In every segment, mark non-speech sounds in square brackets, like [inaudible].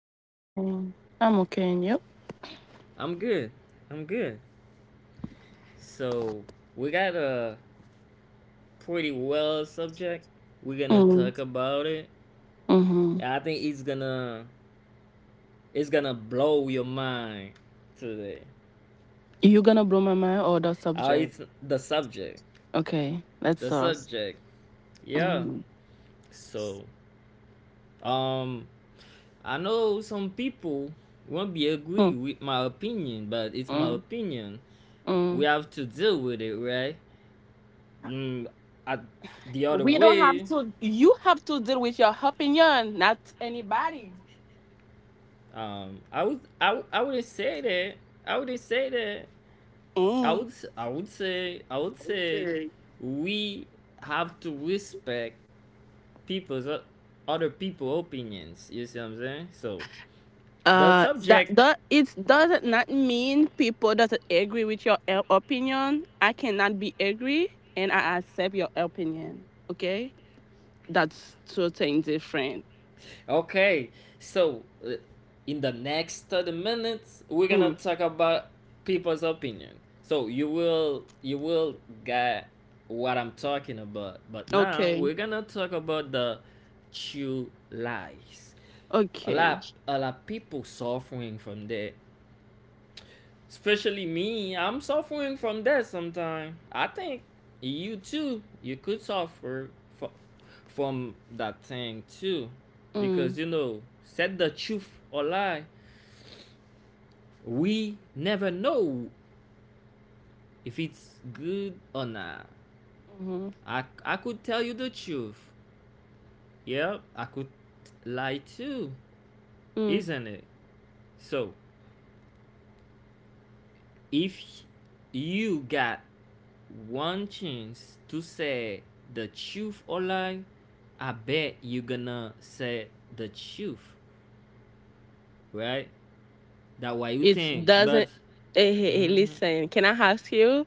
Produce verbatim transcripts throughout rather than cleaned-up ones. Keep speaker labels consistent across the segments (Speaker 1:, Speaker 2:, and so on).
Speaker 1: How you
Speaker 2: good
Speaker 1: doing?
Speaker 2: evening. I'm okay, and you?
Speaker 1: I'm good. I'm good. So we got a pretty well subject. We're gonna
Speaker 2: Mm,
Speaker 1: talk about it.
Speaker 2: mm-hmm.
Speaker 1: And I think it's gonna it's gonna blow your mind today.
Speaker 2: You gonna blow my mind or the
Speaker 1: Uh,
Speaker 2: subject?
Speaker 1: it's the subject.
Speaker 2: Okay, let's
Speaker 1: The
Speaker 2: start.
Speaker 1: subject. Yeah.
Speaker 2: Mm,
Speaker 1: So um I know some people won't be
Speaker 2: mm,
Speaker 1: agree with my opinion, but it's my
Speaker 2: mm,
Speaker 1: opinion. We
Speaker 2: mm.
Speaker 1: have to deal with it, right? Mm, I, the other
Speaker 2: We don't have
Speaker 1: way,
Speaker 2: to. You have to deal with your opinion, not anybody.
Speaker 1: um, I would I, would- I wouldn't say that. I wouldn't say that. I
Speaker 2: Mm.
Speaker 1: would s- I would say I would say
Speaker 2: Okay.
Speaker 1: we have to respect people's o- other people opinions. You see what I'm saying? So the
Speaker 2: Uh, that
Speaker 1: subject
Speaker 2: that it does not mean people doesn't agree with your e- opinion. I cannot be agree, and I accept your opinion. Okay, that's two things different.
Speaker 1: Okay, so uh, in the next thirty minutes, we're gonna
Speaker 2: Mm.
Speaker 1: talk about people's opinion. So you will you will get what I'm talking about. But now
Speaker 2: Okay.
Speaker 1: we're gonna talk about the true lies. A
Speaker 2: Okay.
Speaker 1: lot a lot of people suffering from that. Especially me, I'm suffering from that. Sometimes I think you too, you could suffer fro- from that thing too. Because
Speaker 2: Mm.
Speaker 1: you know, said the truth or lie, we never know if it's good or not.
Speaker 2: Hmm.
Speaker 1: I, I could tell you the truth. Yeah, I could lie too,
Speaker 2: Mm.
Speaker 1: isn't it? So, if you got one chance to say the truth or lie, I bet you gonna say the truth, right? That what you
Speaker 2: It
Speaker 1: think. But,
Speaker 2: doesn't. Hey, hey, hey,
Speaker 1: mm-hmm,
Speaker 2: listen. Can I ask you?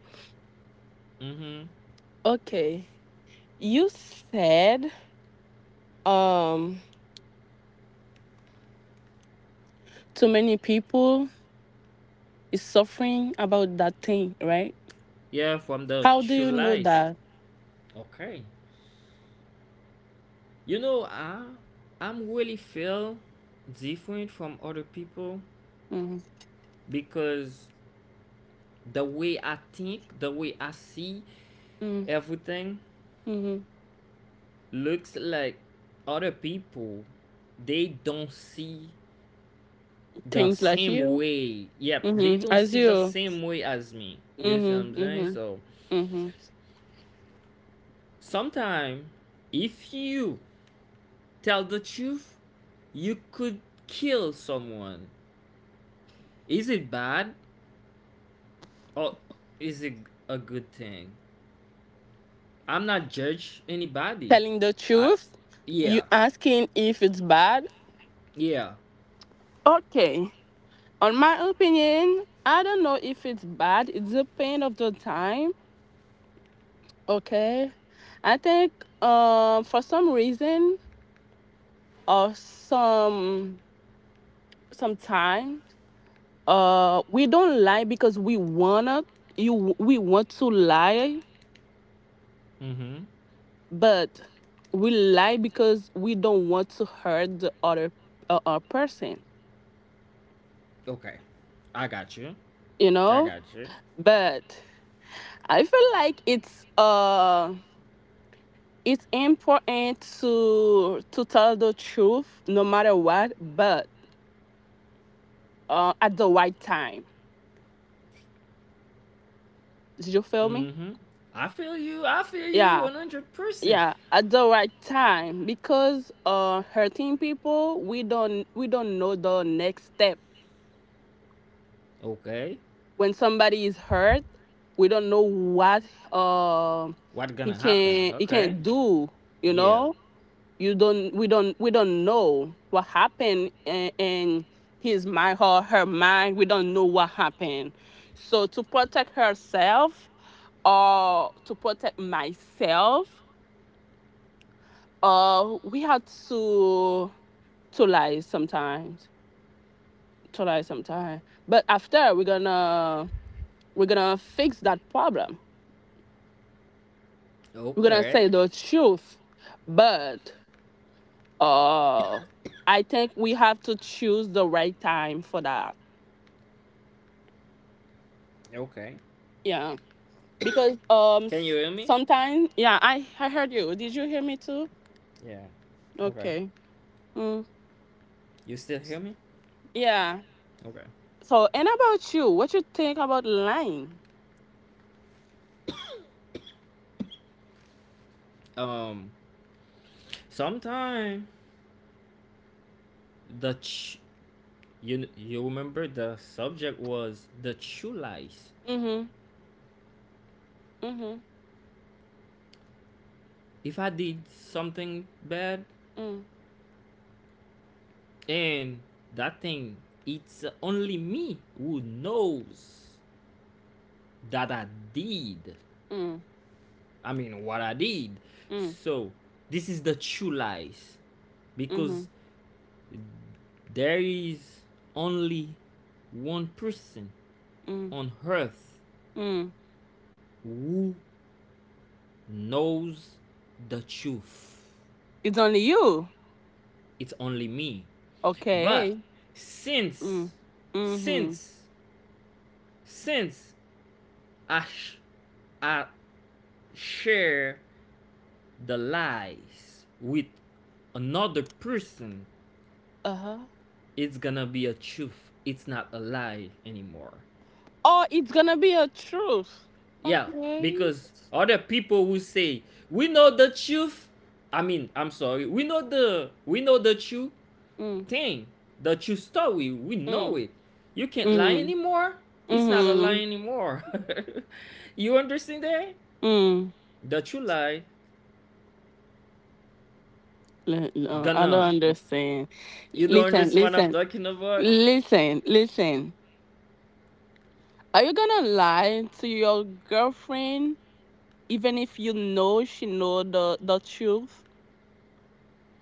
Speaker 1: mm-hmm.
Speaker 2: Okay. You said um too many people is suffering about that thing, right?
Speaker 1: Yeah, from the
Speaker 2: How do
Speaker 1: true
Speaker 2: you know
Speaker 1: lies.
Speaker 2: that?
Speaker 1: Okay. You know, I, I'm really feel different from other people
Speaker 2: Mm-hmm.
Speaker 1: because the way I think, the way I see everything,
Speaker 2: Mm-hmm.
Speaker 1: looks like other people they don't see the
Speaker 2: Things like
Speaker 1: same
Speaker 2: you.
Speaker 1: way yep they
Speaker 2: Mm-hmm.
Speaker 1: don't
Speaker 2: As
Speaker 1: see the
Speaker 2: you.
Speaker 1: same way as me. You see what
Speaker 2: Mm-hmm.
Speaker 1: I'm saying?
Speaker 2: Mm-hmm.
Speaker 1: So
Speaker 2: Mm-hmm.
Speaker 1: sometimes if you tell the truth, you could kill someone. Is it bad or is it a good thing? I'm not judge anybody.
Speaker 2: Telling the
Speaker 1: I
Speaker 2: truth. You
Speaker 1: Yeah,
Speaker 2: asking if it's bad.
Speaker 1: yeah,
Speaker 2: Okay. On my opinion, I don't know if it's bad. It's the pain of the time. Okay. I think uh, for some reason or some some time, uh, we don't lie because we wanna you we want to lie,
Speaker 1: mm-hmm,
Speaker 2: but we lie because we don't want to hurt the other uh, uh, person.
Speaker 1: okay. I got you.
Speaker 2: You
Speaker 1: I
Speaker 2: know,
Speaker 1: got you.
Speaker 2: but I feel like it's uh. it's important to to tell the truth no matter what, but uh at the right time. Did you feel me?
Speaker 1: Mm-hmm. I feel you. I feel you
Speaker 2: Yeah,
Speaker 1: one hundred percent.
Speaker 2: yeah, at the right time, because uh hurting people, we don't we don't know the next step
Speaker 1: Okay.
Speaker 2: when somebody is hurt. We don't know what uh
Speaker 1: What
Speaker 2: he
Speaker 1: gonna happen?
Speaker 2: can he
Speaker 1: Okay.
Speaker 2: can do, you
Speaker 1: Yeah.
Speaker 2: know. You don't we don't we don't know what happened in, in his mind or her mind. We don't know what happened. So to protect herself or to protect myself, uh we had to to lie sometimes, to lie sometimes but after we're gonna we're gonna fix that problem. We're gonna say
Speaker 1: Okay.
Speaker 2: the truth, but uh I think we have to choose the right time for that.
Speaker 1: Okay.
Speaker 2: Yeah. Because um
Speaker 1: Can
Speaker 2: s-
Speaker 1: you hear me?
Speaker 2: sometimes, yeah, i i heard you. Did you hear me too?
Speaker 1: Yeah. Okay.
Speaker 2: Okay. Mm,
Speaker 1: You still hear me?
Speaker 2: yeah.
Speaker 1: Okay.
Speaker 2: So, and about you, what you think about lying?
Speaker 1: Um. Sometime the ch- you you remember the subject was the true lies.
Speaker 2: Mm-hmm. Mm-hmm.
Speaker 1: If I did something bad,
Speaker 2: Mm.
Speaker 1: and that thing, it's only me who knows that I did
Speaker 2: Mm.
Speaker 1: I mean, what I did.
Speaker 2: Mm.
Speaker 1: So, this is the true lies. Because
Speaker 2: Mm.
Speaker 1: there is only one person
Speaker 2: Mm.
Speaker 1: on earth
Speaker 2: Mm.
Speaker 1: who knows the truth.
Speaker 2: It's only you.
Speaker 1: It's only me. But
Speaker 2: Okay. Mm.
Speaker 1: since,
Speaker 2: Mm-hmm.
Speaker 1: since, since I, sh- I share the lies with another person,
Speaker 2: Uh-huh.
Speaker 1: it's gonna be a truth. It's not a lie anymore.
Speaker 2: Oh, it's gonna be a truth.
Speaker 1: Yeah,
Speaker 2: Okay.
Speaker 1: because other people will say we know the truth. I mean, I'm sorry. We know the we know the true
Speaker 2: Mm.
Speaker 1: thing, the true story. We
Speaker 2: Mm.
Speaker 1: know it. You can't lie
Speaker 2: Mm.
Speaker 1: anymore. It's not a lie
Speaker 2: Mm.
Speaker 1: anymore. [laughs] You understand that?
Speaker 2: Mm.
Speaker 1: The true lie
Speaker 2: Le- no, I don't
Speaker 1: gonna.
Speaker 2: understand.
Speaker 1: You don't
Speaker 2: Listen,
Speaker 1: understand what I'm
Speaker 2: listen.
Speaker 1: talking about.
Speaker 2: Listen, listen. Are you gonna lie to your girlfriend even if you know she know the the truth?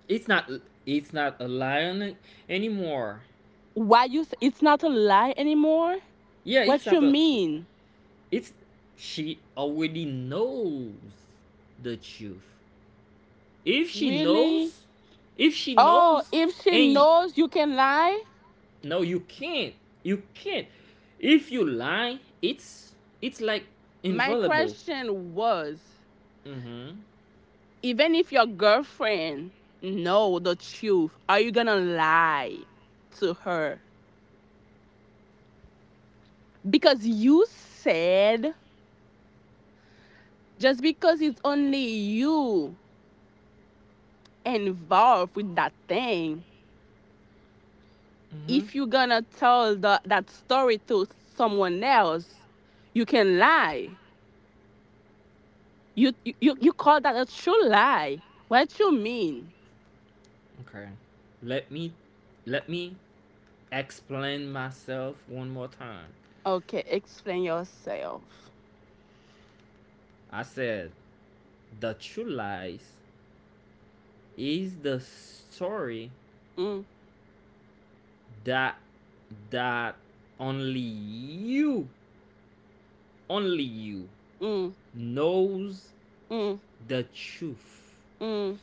Speaker 1: It's not. It's not a lie anymore.
Speaker 2: Why you s- it's not a lie anymore?
Speaker 1: Yeah, it's
Speaker 2: What
Speaker 1: not
Speaker 2: you
Speaker 1: a
Speaker 2: mean?
Speaker 1: It's She already knows the truth. If she
Speaker 2: Really?
Speaker 1: knows, if she
Speaker 2: Oh,
Speaker 1: knows,
Speaker 2: if she
Speaker 1: and
Speaker 2: knows you can lie?
Speaker 1: no, you can't, you can't. If you lie, it's it's like
Speaker 2: My
Speaker 1: invaluable.
Speaker 2: question was,
Speaker 1: Mm-hmm.
Speaker 2: even if your girlfriend know the truth, are you gonna lie to her? Because you said just because it's only you involved with that thing,
Speaker 1: Mm-hmm.
Speaker 2: if you're gonna tell the, that story to someone else, you can lie. You, you you call that a true lie. What you mean?
Speaker 1: Okay. Let me let me explain myself one more time.
Speaker 2: Okay, explain yourself.
Speaker 1: I said the true lies is the story
Speaker 2: Mm,
Speaker 1: that that only you only you
Speaker 2: mm,
Speaker 1: knows
Speaker 2: mm,
Speaker 1: the truth.
Speaker 2: mm,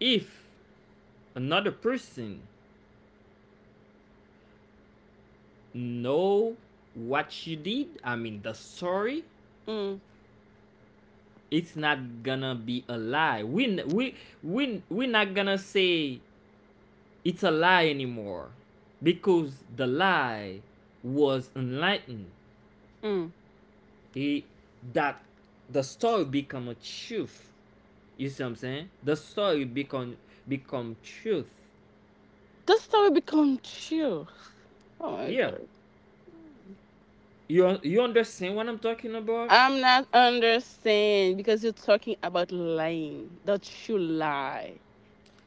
Speaker 1: If another person know what you did, I mean the story,
Speaker 2: mm,
Speaker 1: it's not gonna be a lie. We we we we're not gonna say it's a lie anymore, because the lie was enlightened.
Speaker 2: mm.
Speaker 1: It that The story become a truth. You see what I'm saying? The story become become truth.
Speaker 2: The story become true. Oh my
Speaker 1: Yeah.
Speaker 2: god.
Speaker 1: You you understand what I'm talking about?
Speaker 2: I'm not understand because you're talking about lying. The true lie.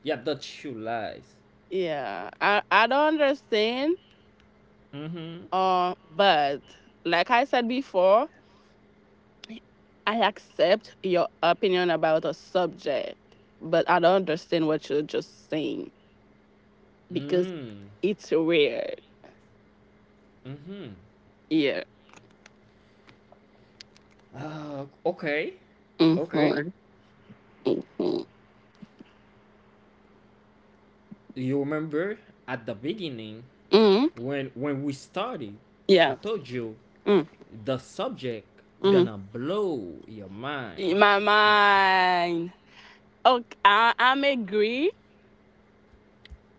Speaker 1: Yeah, the true lies.
Speaker 2: Yeah. I I don't understand.
Speaker 1: Mm-hmm.
Speaker 2: Uh, but like I said before, I accept your opinion about a subject, but I don't understand what you're just saying because
Speaker 1: Mm.
Speaker 2: it's weird.
Speaker 1: Mm-hmm.
Speaker 2: Yeah.
Speaker 1: Uh, okay. Okay.
Speaker 2: Mm-hmm. Mm-hmm.
Speaker 1: You remember at the beginning
Speaker 2: Hmm.
Speaker 1: when when we started, I
Speaker 2: Yeah.
Speaker 1: told you
Speaker 2: Mm-hmm.
Speaker 1: the subject
Speaker 2: Mm-hmm.
Speaker 1: gonna blow your mind.
Speaker 2: In my mind. Okay, I, I'm agree.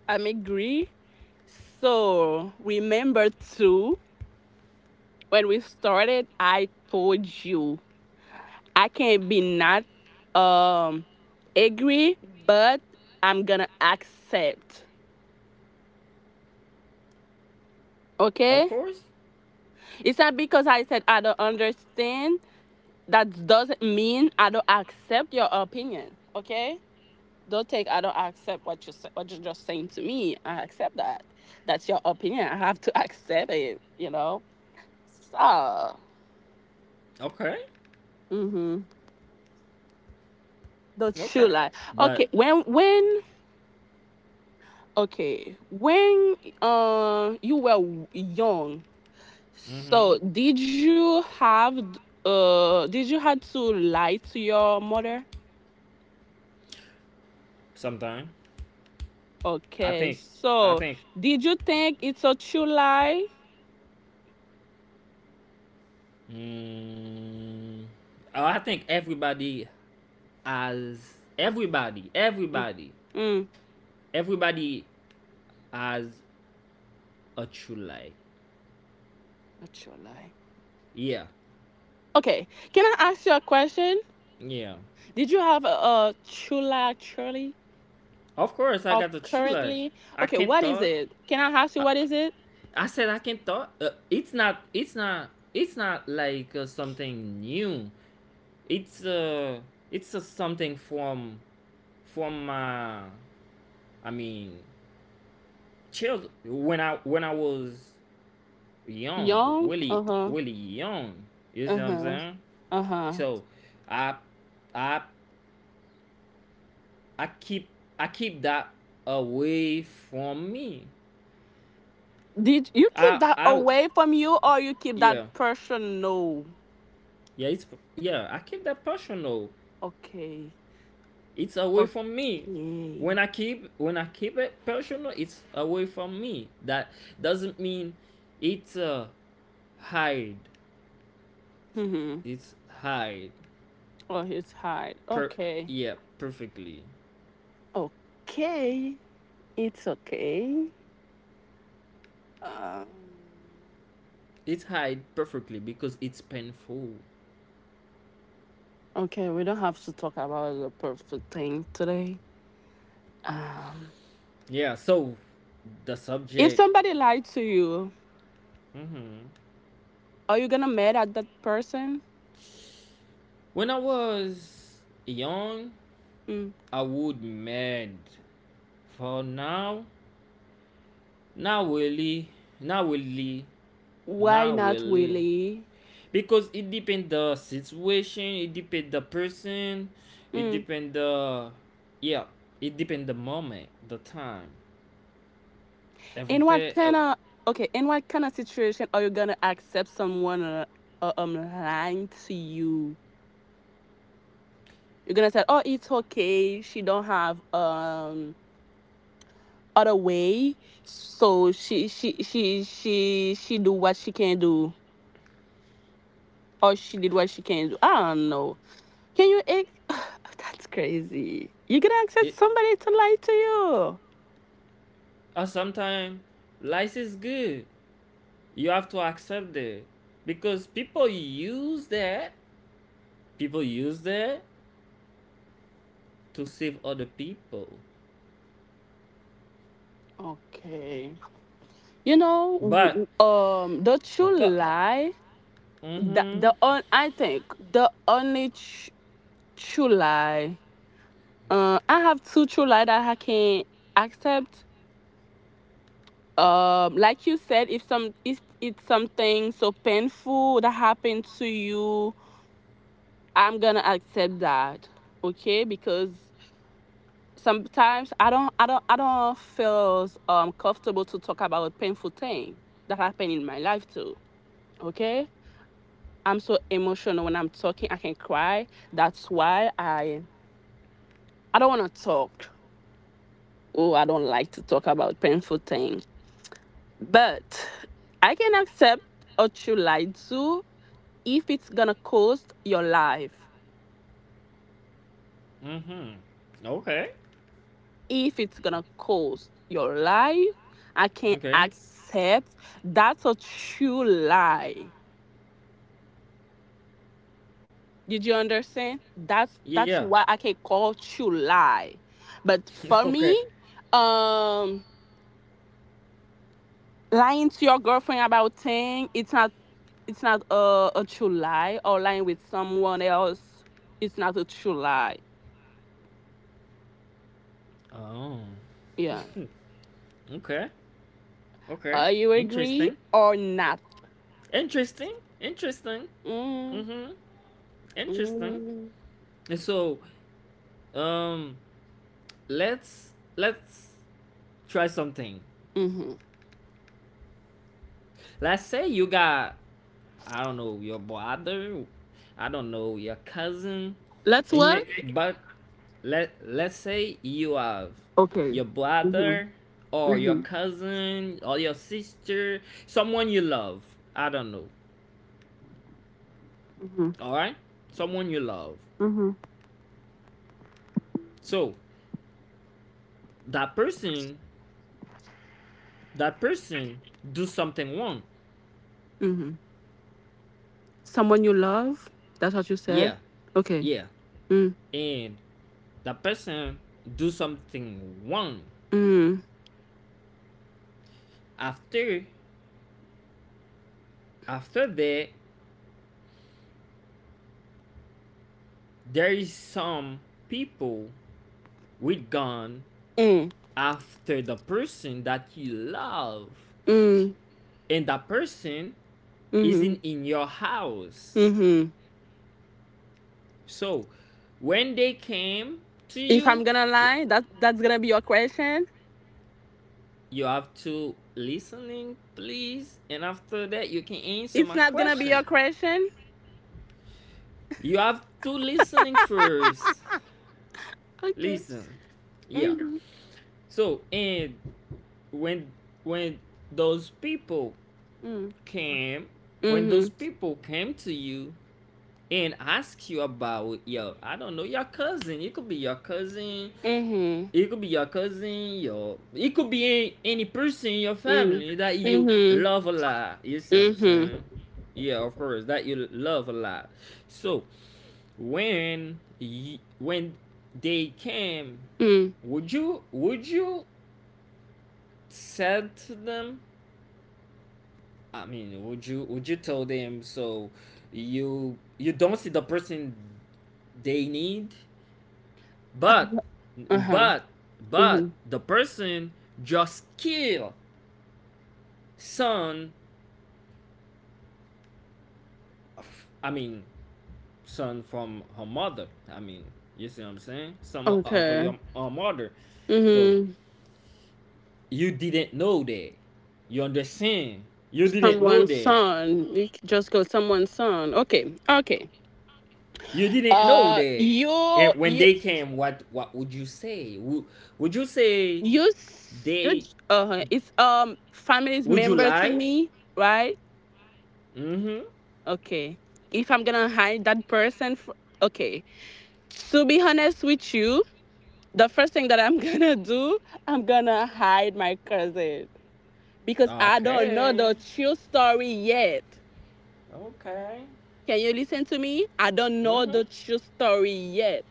Speaker 2: I'm agree. So remember too, when we started, I told you I can be not um angry, but I'm gonna accept.
Speaker 1: Of
Speaker 2: Okay?
Speaker 1: course.
Speaker 2: It's not because I said I don't understand. That doesn't mean I don't accept your opinion. Okay? Don't take I don't accept what you what you're just saying to me. I accept that. That's your opinion. I have to [laughs] accept it, you know? So
Speaker 1: Okay.
Speaker 2: mm-hmm. Don't you
Speaker 1: Okay.
Speaker 2: lie.
Speaker 1: But
Speaker 2: Okay, when when okay, when uh you were young,
Speaker 1: mm-hmm.
Speaker 2: so, did you have uh did you had to lie to your mother?
Speaker 1: Sometimes, I
Speaker 2: Okay.
Speaker 1: think I
Speaker 2: So,
Speaker 1: think
Speaker 2: did you think it's a true lie?
Speaker 1: mm, oh, I think everybody has everybody,
Speaker 2: Mm.
Speaker 1: everybody,
Speaker 2: Mm.
Speaker 1: everybody has a true lie.
Speaker 2: A true lie.
Speaker 1: Yeah,
Speaker 2: Okay. Can I ask you a question?
Speaker 1: yeah.
Speaker 2: Did you have a, a true lie actually
Speaker 1: Of course, I
Speaker 2: or
Speaker 1: got a true lie.
Speaker 2: currently?
Speaker 1: I
Speaker 2: Okay,
Speaker 1: can't
Speaker 2: what is
Speaker 1: talk.
Speaker 2: it? Can I ask you
Speaker 1: I,
Speaker 2: what is it?
Speaker 1: I said I can't talk. Uh, it's not. It's not. It's not like uh, something new. It's uh. It's uh, something from from my. I mean, child. When I when I was young,
Speaker 2: Young?
Speaker 1: really,
Speaker 2: Uh-huh.
Speaker 1: really young. You see what I'm
Speaker 2: Uh-huh.
Speaker 1: saying?
Speaker 2: Uh-huh.
Speaker 1: So, I, I, I keep, I keep that away from me.
Speaker 2: Did you keep
Speaker 1: I,
Speaker 2: that
Speaker 1: I,
Speaker 2: away from you or you keep that
Speaker 1: yeah,
Speaker 2: person? No.
Speaker 1: yeah. It's Yeah. I keep that personal.
Speaker 2: Okay.
Speaker 1: It's away from me.
Speaker 2: Yay.
Speaker 1: When I keep, when I keep it personal, it's away from me. That doesn't mean it's uh hide.
Speaker 2: Mm-hmm.
Speaker 1: It's hide.
Speaker 2: Oh, it's hard.
Speaker 1: Per
Speaker 2: Okay.
Speaker 1: Yeah, perfectly.
Speaker 2: Okay. It's okay. Um,
Speaker 1: It's hide perfectly because it's painful.
Speaker 2: okay, we don't have to talk about the perfect thing today. Um,
Speaker 1: Yeah, so the
Speaker 2: if
Speaker 1: subject.
Speaker 2: somebody lied to you,
Speaker 1: Mhm.
Speaker 2: are you gonna mad at that person?
Speaker 1: When I was young,
Speaker 2: Mm.
Speaker 1: I would mad. For now, not really, not really,
Speaker 2: Why
Speaker 1: not
Speaker 2: not
Speaker 1: really.
Speaker 2: really?
Speaker 1: Because it depend the situation, it depend the person, it
Speaker 2: Mm.
Speaker 1: depend the yeah, it depend the moment, the time,
Speaker 2: In what
Speaker 1: everything. uh,
Speaker 2: kind of okay? In what kind of situation are you gonna accept someone uh, uh, um lying to you? You're gonna say, "Oh, it's okay. She don't have um." Other way. So she she she she she do what she can do, or she did what she can do. I don't know. Can you? Ex- [sighs] that's crazy. You can accept
Speaker 1: It
Speaker 2: somebody to lie to you.
Speaker 1: uh, Sometimes life is good, you have to accept that because people use that people use that to save other people.
Speaker 2: Okay. You know,
Speaker 1: but
Speaker 2: w- w- um, the true
Speaker 1: but
Speaker 2: lie. The
Speaker 1: mm-hmm,
Speaker 2: the on I think the only tr- true lie. Uh, I have two true lie that I can accept, um like you said, if some if it's something so painful that happened to you, I'm gonna accept that. Okay, because sometimes i don't i don't I don't feel um comfortable to talk about a painful thing that happened in my life too. Okay, I'm so emotional when I'm talking, I can cry. That's why i I don't want to talk. Oh, I don't like to talk about painful thing. But I can accept what you lied to if it's gonna cost your life,
Speaker 1: mm-hmm, okay,
Speaker 2: if it's gonna cost your life, I can't
Speaker 1: okay,
Speaker 2: accept. That's a true lie. Did you understand? That's that's
Speaker 1: yeah.
Speaker 2: what I can call true lie. But
Speaker 1: [laughs]
Speaker 2: for me,
Speaker 1: Okay,
Speaker 2: um, lying to your girlfriend about thing, it's not it's not a, a true lie. Or lying with someone else, it's not a true lie.
Speaker 1: oh,
Speaker 2: Yeah.
Speaker 1: okay,
Speaker 2: Are
Speaker 1: okay.
Speaker 2: uh, you agree
Speaker 1: Interesting,
Speaker 2: or not?
Speaker 1: interesting, interesting.
Speaker 2: Mm,
Speaker 1: Mm-hmm. Interesting.
Speaker 2: mm.
Speaker 1: So um let's let's try something.
Speaker 2: Mm-hmm.
Speaker 1: Let's say you got, I don't know, your brother, I don't know, your cousin,
Speaker 2: Let's
Speaker 1: and
Speaker 2: what?
Speaker 1: the- but let let's say you have
Speaker 2: Okay.
Speaker 1: your
Speaker 2: Mhm.
Speaker 1: brother or your
Speaker 2: Mhm.
Speaker 1: cousin or your sister, someone you love. I don't know.
Speaker 2: Mhm.
Speaker 1: All right, someone you love.
Speaker 2: Mhm.
Speaker 1: So that person, that person do something wrong.
Speaker 2: Mhm. Someone you love? That's what you said.
Speaker 1: Yeah,
Speaker 2: Okay.
Speaker 1: yeah,
Speaker 2: Mm.
Speaker 1: and that person do something wrong.
Speaker 2: Mm.
Speaker 1: After after that, there is some people with gun
Speaker 2: Mm.
Speaker 1: after the person that you love,
Speaker 2: Mm.
Speaker 1: and that person
Speaker 2: Mhm.
Speaker 1: isn't in your house.
Speaker 2: Mhm.
Speaker 1: So when they came to
Speaker 2: If I'm
Speaker 1: you,
Speaker 2: gonna lie, that that's gonna be your question.
Speaker 1: you have to listening, please, and after that you can answer
Speaker 2: It's
Speaker 1: my
Speaker 2: not gonna be your
Speaker 1: question.
Speaker 2: question.
Speaker 1: You have to listening first.
Speaker 2: Okay.
Speaker 1: Listen. Yeah.
Speaker 2: Mhm.
Speaker 1: So and when when those people
Speaker 2: Mm.
Speaker 1: came when those
Speaker 2: Mhm.
Speaker 1: people came to you and ask you about your, I don't know, your cousin, it could be your cousin
Speaker 2: Mhm.
Speaker 1: it could be your cousin your it could be any, any person in your
Speaker 2: Mhm.
Speaker 1: family that you
Speaker 2: Mhm.
Speaker 1: love a lot. You see what I'm
Speaker 2: Mhm.
Speaker 1: saying? Yeah, of course, that you love a lot. So when y- when they came,
Speaker 2: Mhm.
Speaker 1: would you would you said to them, I mean, would you would you tell them, so you you don't see the person they need, but
Speaker 2: Uh huh.
Speaker 1: but but
Speaker 2: Mhm.
Speaker 1: the person just kill son. of- I mean, son from her mother. I mean, you see what I'm saying? Some of
Speaker 2: Okay.
Speaker 1: your uh, mother. So
Speaker 2: Mhm.
Speaker 1: you didn't know that. You understand? You didn't know
Speaker 2: Someone's
Speaker 1: that.
Speaker 2: son. You c- just go someone's son. Okay, okay.
Speaker 1: You didn't know
Speaker 2: Uh,
Speaker 1: that.
Speaker 2: you
Speaker 1: And when
Speaker 2: you
Speaker 1: they came, what what would you say would, would you say
Speaker 2: you. s- you j-
Speaker 1: they
Speaker 2: uh, it's um family's
Speaker 1: would you
Speaker 2: member to
Speaker 1: lie?
Speaker 2: me, right?
Speaker 1: Mm-hmm.
Speaker 2: Okay. If I'm gonna hide that person, fr- okay. To be honest with you, the first thing that I'm [laughs] gonna do, I'm gonna hide my cousin because I don't know
Speaker 1: Okay,
Speaker 2: the true story yet.
Speaker 1: okay.
Speaker 2: Can you listen to me? I don't know
Speaker 1: Mm-hmm.
Speaker 2: the true story yet.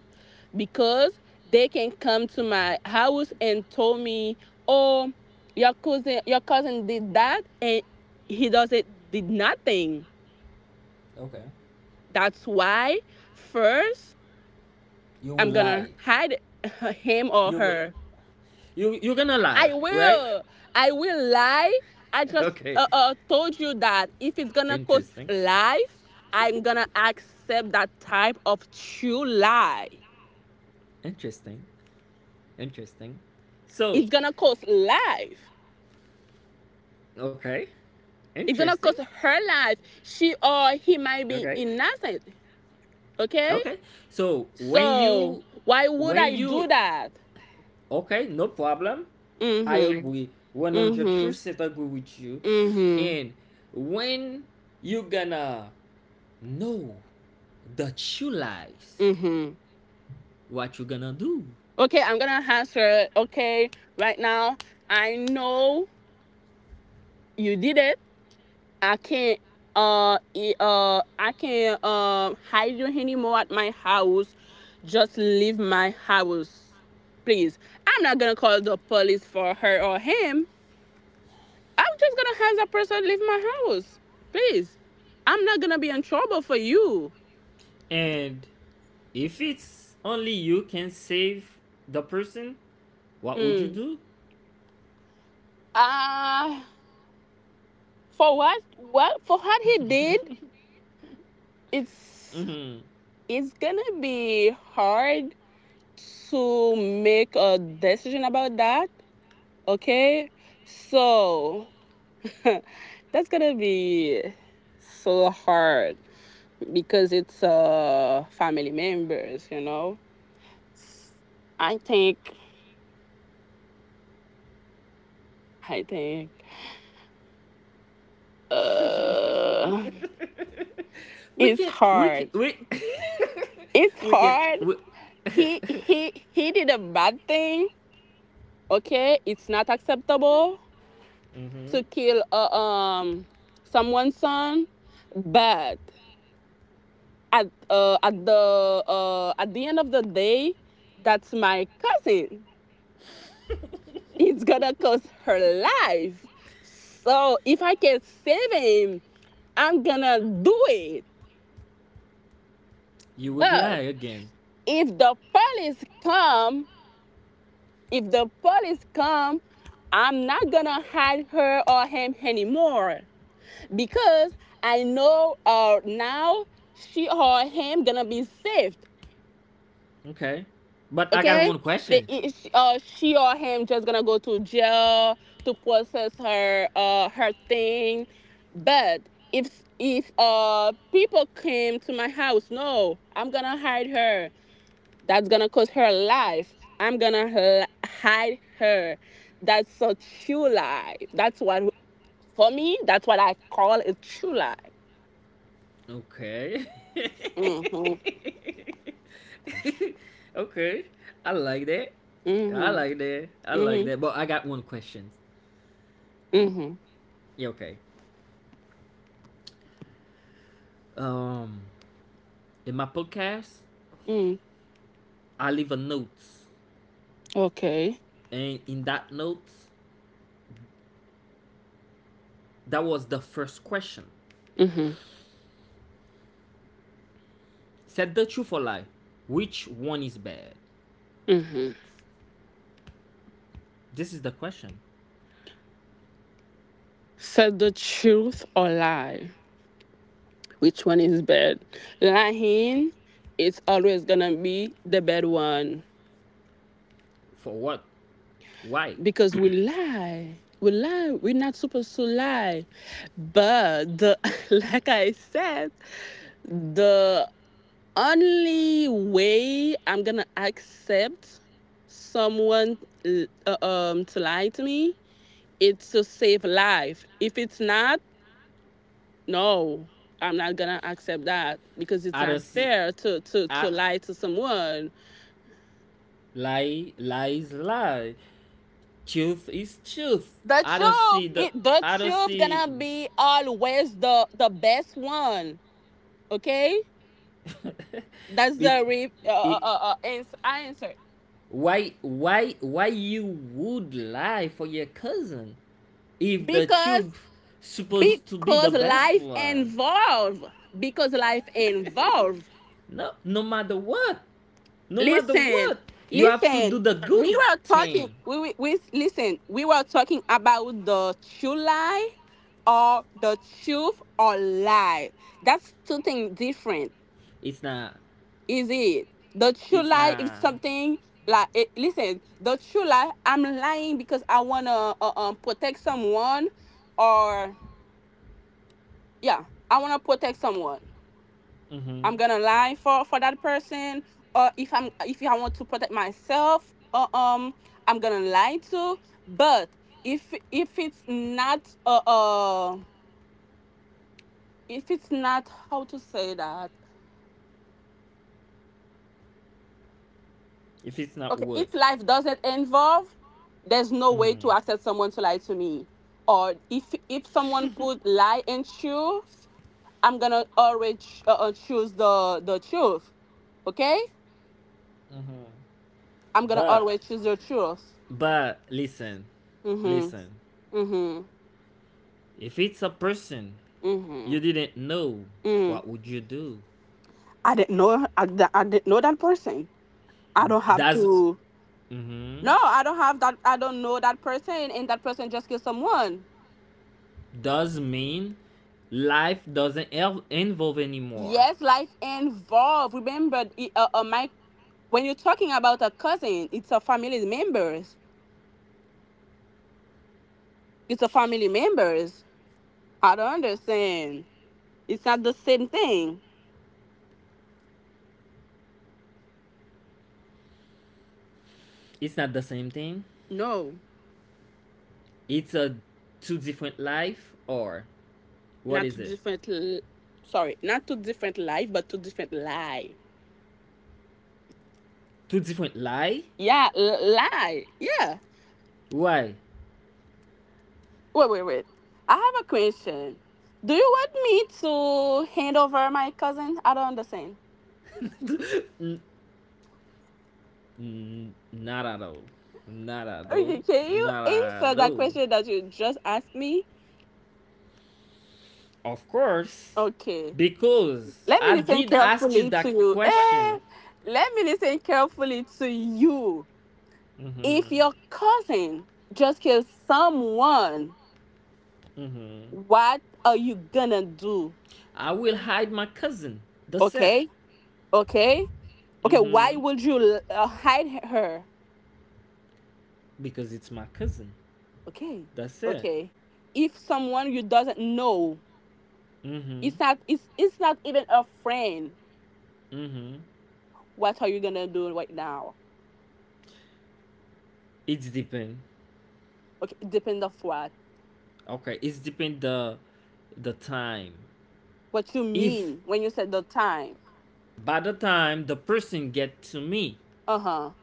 Speaker 2: Because they can come to my house and tell me, "Oh, your cousin, your cousin did that, and he does not did nothing."
Speaker 1: Okay.
Speaker 2: That's why first
Speaker 1: You would
Speaker 2: I'm gonna
Speaker 1: lie.
Speaker 2: hide [laughs] him or
Speaker 1: you go-
Speaker 2: her.
Speaker 1: you you're gonna lie,
Speaker 2: I
Speaker 1: right?
Speaker 2: will. I will lie. I
Speaker 1: [laughs]
Speaker 2: just
Speaker 1: Okay.
Speaker 2: uh, uh, told you that if it's gonna cost
Speaker 1: Interesting,
Speaker 2: life, I'm gonna accept that type of true lie.
Speaker 1: interesting, interesting. So
Speaker 2: It's gonna cost life.
Speaker 1: okay.
Speaker 2: It's gonna
Speaker 1: Interesting.
Speaker 2: cost her life. She or he might be
Speaker 1: Okay.
Speaker 2: innocent. Okay?
Speaker 1: Okay. So when
Speaker 2: So
Speaker 1: you
Speaker 2: why would
Speaker 1: when
Speaker 2: I do
Speaker 1: you
Speaker 2: that?
Speaker 1: okay, no problem. I
Speaker 2: Mm-hmm.
Speaker 1: agree.
Speaker 2: Mm-hmm.
Speaker 1: one hundred percent agree with you.
Speaker 2: Mm-hmm.
Speaker 1: And when you gonna know that you lies,
Speaker 2: Mm-hmm.
Speaker 1: what you gonna do?
Speaker 2: Okay, I'm gonna answer okay right now. I know you did it. I can't uh e- uh I can't um uh, hide you anymore at my house. Just leave my house. Please. I'm not gonna call the police for her or him. I'm just gonna have that person leave my house. Please. I'm not gonna be in trouble for you.
Speaker 1: And if it's only you can save the person, what would you
Speaker 2: Mm.
Speaker 1: do?
Speaker 2: Uh for what what for what he did, it's
Speaker 1: Hmm.
Speaker 2: it's gonna be hard to make a decision about that. Okay? So [laughs] that's gonna be so hard because it's uh family members, you know. I think I think
Speaker 1: [laughs]
Speaker 2: uh
Speaker 1: we
Speaker 2: it's
Speaker 1: can we can
Speaker 2: hard,
Speaker 1: we
Speaker 2: it's
Speaker 1: [laughs] we can
Speaker 2: hard
Speaker 1: we, [laughs]
Speaker 2: he he he did a bad thing. Okay, it's not acceptable
Speaker 1: Mhm.
Speaker 2: to kill uh, um someone's son, but at uh at the uh at the end of the day, that's my cousin. It's gonna
Speaker 1: [laughs]
Speaker 2: cost her life. So if I can save him, I'm gonna do it.
Speaker 1: You would lie
Speaker 2: But
Speaker 1: again.
Speaker 2: if the police come, If the police come, I'm not gonna hide her or him anymore because I know uh now she or him gonna be saved.
Speaker 1: Okay. But I got
Speaker 2: Okay,
Speaker 1: one
Speaker 2: they
Speaker 1: question.
Speaker 2: uh she or him just gonna go to jail to process her uh her thing, but if if uh people came to my house, no, I'm gonna hide her. That's gonna cost her life. I'm gonna hide her. That's a true lie. That's what for me, that's what I call a true lie.
Speaker 1: Okay. [laughs]
Speaker 2: Mhm.
Speaker 1: Okay. I like that. I
Speaker 2: Mhm.
Speaker 1: like that. I like
Speaker 2: Mhm.
Speaker 1: that. But I got one question.
Speaker 2: Mhm.
Speaker 1: Yeah, okay. Um in my podcast,
Speaker 2: Mhm.
Speaker 1: I leave a notes.
Speaker 2: Okay.
Speaker 1: And in that note, that was the first question.
Speaker 2: Mhm.
Speaker 1: Said the truth or lie. Which one is bad?
Speaker 2: Mhm.
Speaker 1: This is the question.
Speaker 2: Said the truth or lie. Which one is bad? Lying. It's always gonna be the bad one
Speaker 1: For what? Why?
Speaker 2: because we lie. we lie. We're not supposed to lie. But the, [laughs] like I said, the only way I'm gonna accept someone uh, um to lie to me is to save life. If it's not, no, I'm not gonna accept that because it's
Speaker 1: I don't
Speaker 2: not
Speaker 1: see
Speaker 2: fair to to
Speaker 1: I
Speaker 2: to lie to someone.
Speaker 1: Lie, lies, lie. Truth is truth.
Speaker 2: The
Speaker 1: I don't see
Speaker 2: truth,
Speaker 1: the.
Speaker 2: it, the
Speaker 1: I don't
Speaker 2: truth
Speaker 1: see
Speaker 2: gonna be always the the best one. Okay, that's
Speaker 1: it.
Speaker 2: the re- uh, uh,
Speaker 1: It.
Speaker 2: uh, uh, ans- answer.
Speaker 1: Why? Why? Why you would lie for your cousin if the
Speaker 2: Because
Speaker 1: truth supposed to be the
Speaker 2: because
Speaker 1: best
Speaker 2: life
Speaker 1: one?
Speaker 2: involve. Because life involve.
Speaker 1: No. No matter what. No matter
Speaker 2: Listen,
Speaker 1: what. You have to do
Speaker 2: listen.
Speaker 1: the good
Speaker 2: We were talking.
Speaker 1: thing.
Speaker 2: We, we we listen. We were talking about the true lie or the truth or lie. That's two things different.
Speaker 1: It's not.
Speaker 2: Is it The true
Speaker 1: It's
Speaker 2: lie is
Speaker 1: not.
Speaker 2: something like it, listen, the true lie, I'm lying because I want to uh, um protect someone. Or yeah, I want to protect someone.
Speaker 1: Mm-hmm.
Speaker 2: I'm gonna lie for for that person. Or if I'm if I want to protect myself, uh, um I'm gonna lie too. But if if it's not, uh, uh if it's not, how to say that?
Speaker 1: If it's not
Speaker 2: Okay,
Speaker 1: what.
Speaker 2: if life doesn't involve, there's no way to
Speaker 1: Mm-hmm.
Speaker 2: accept someone to lie to me. Or if if someone put lie and truth, I'm gonna always ch- uh, uh, choose the the truth. Okay,
Speaker 1: Mm-hmm.
Speaker 2: I'm gonna
Speaker 1: But.
Speaker 2: always choose the truth.
Speaker 1: But listen.
Speaker 2: Mhm.
Speaker 1: Listen.
Speaker 2: Mhm.
Speaker 1: If it's a person you
Speaker 2: Mhm.
Speaker 1: didn't know,
Speaker 2: Mhm.
Speaker 1: what would you do?
Speaker 2: I didn't know. I, d- I didn't know that person. I don't have
Speaker 1: Does
Speaker 2: to.
Speaker 1: mhm.
Speaker 2: No, I don't have that. I don't know that person, and that person just killed someone.
Speaker 1: does mean life doesn't el- involve anymore.
Speaker 2: Yes, life involved. Remember, I- uh, uh, my when you're talking about a cousin, it's a family members. It's a family members. I don't understand. It's not the same thing.
Speaker 1: It's not the same thing.
Speaker 2: No,
Speaker 1: It's a two different life or what
Speaker 2: not
Speaker 1: is
Speaker 2: two
Speaker 1: it?
Speaker 2: different. L- sorry, not two different life, but two different lie.
Speaker 1: Two different lie?
Speaker 2: Yeah, l- lie. Yeah.
Speaker 1: Why?
Speaker 2: Wait, wait, wait. I have a question. Do you want me to hand over my cousin? I don't understand.
Speaker 1: [laughs] N- n- Not at all. Not at all.
Speaker 2: Okay, can you
Speaker 1: Not
Speaker 2: answer
Speaker 1: at
Speaker 2: that
Speaker 1: all.
Speaker 2: question that you just asked me?
Speaker 1: Of course,
Speaker 2: Okay.
Speaker 1: because
Speaker 2: Let me
Speaker 1: I
Speaker 2: listen
Speaker 1: did ask you
Speaker 2: carefully
Speaker 1: that
Speaker 2: to you.
Speaker 1: question.
Speaker 2: Eh, let me listen carefully to you. If
Speaker 1: Mhm.
Speaker 2: your cousin just killed someone,
Speaker 1: Mm-hmm.
Speaker 2: what are you gonna do?
Speaker 1: I will hide my cousin. That's it.
Speaker 2: Okay, okay, okay. Why
Speaker 1: Mm-hmm.
Speaker 2: would you uh, hide her?
Speaker 1: Because it's my cousin.
Speaker 2: Okay,
Speaker 1: That's it.
Speaker 2: okay. If someone you doesn't know,
Speaker 1: Mm-hmm.
Speaker 2: it's not, it's, it's not even a friend.
Speaker 1: Mm-hmm.
Speaker 2: What are you gonna do right now?
Speaker 1: It's depend.
Speaker 2: Okay, it depends of what.
Speaker 1: Okay, it's depend the the time.
Speaker 2: What you
Speaker 1: If
Speaker 2: mean when you said the time?
Speaker 1: by the time the person get to me,
Speaker 2: Uh huh.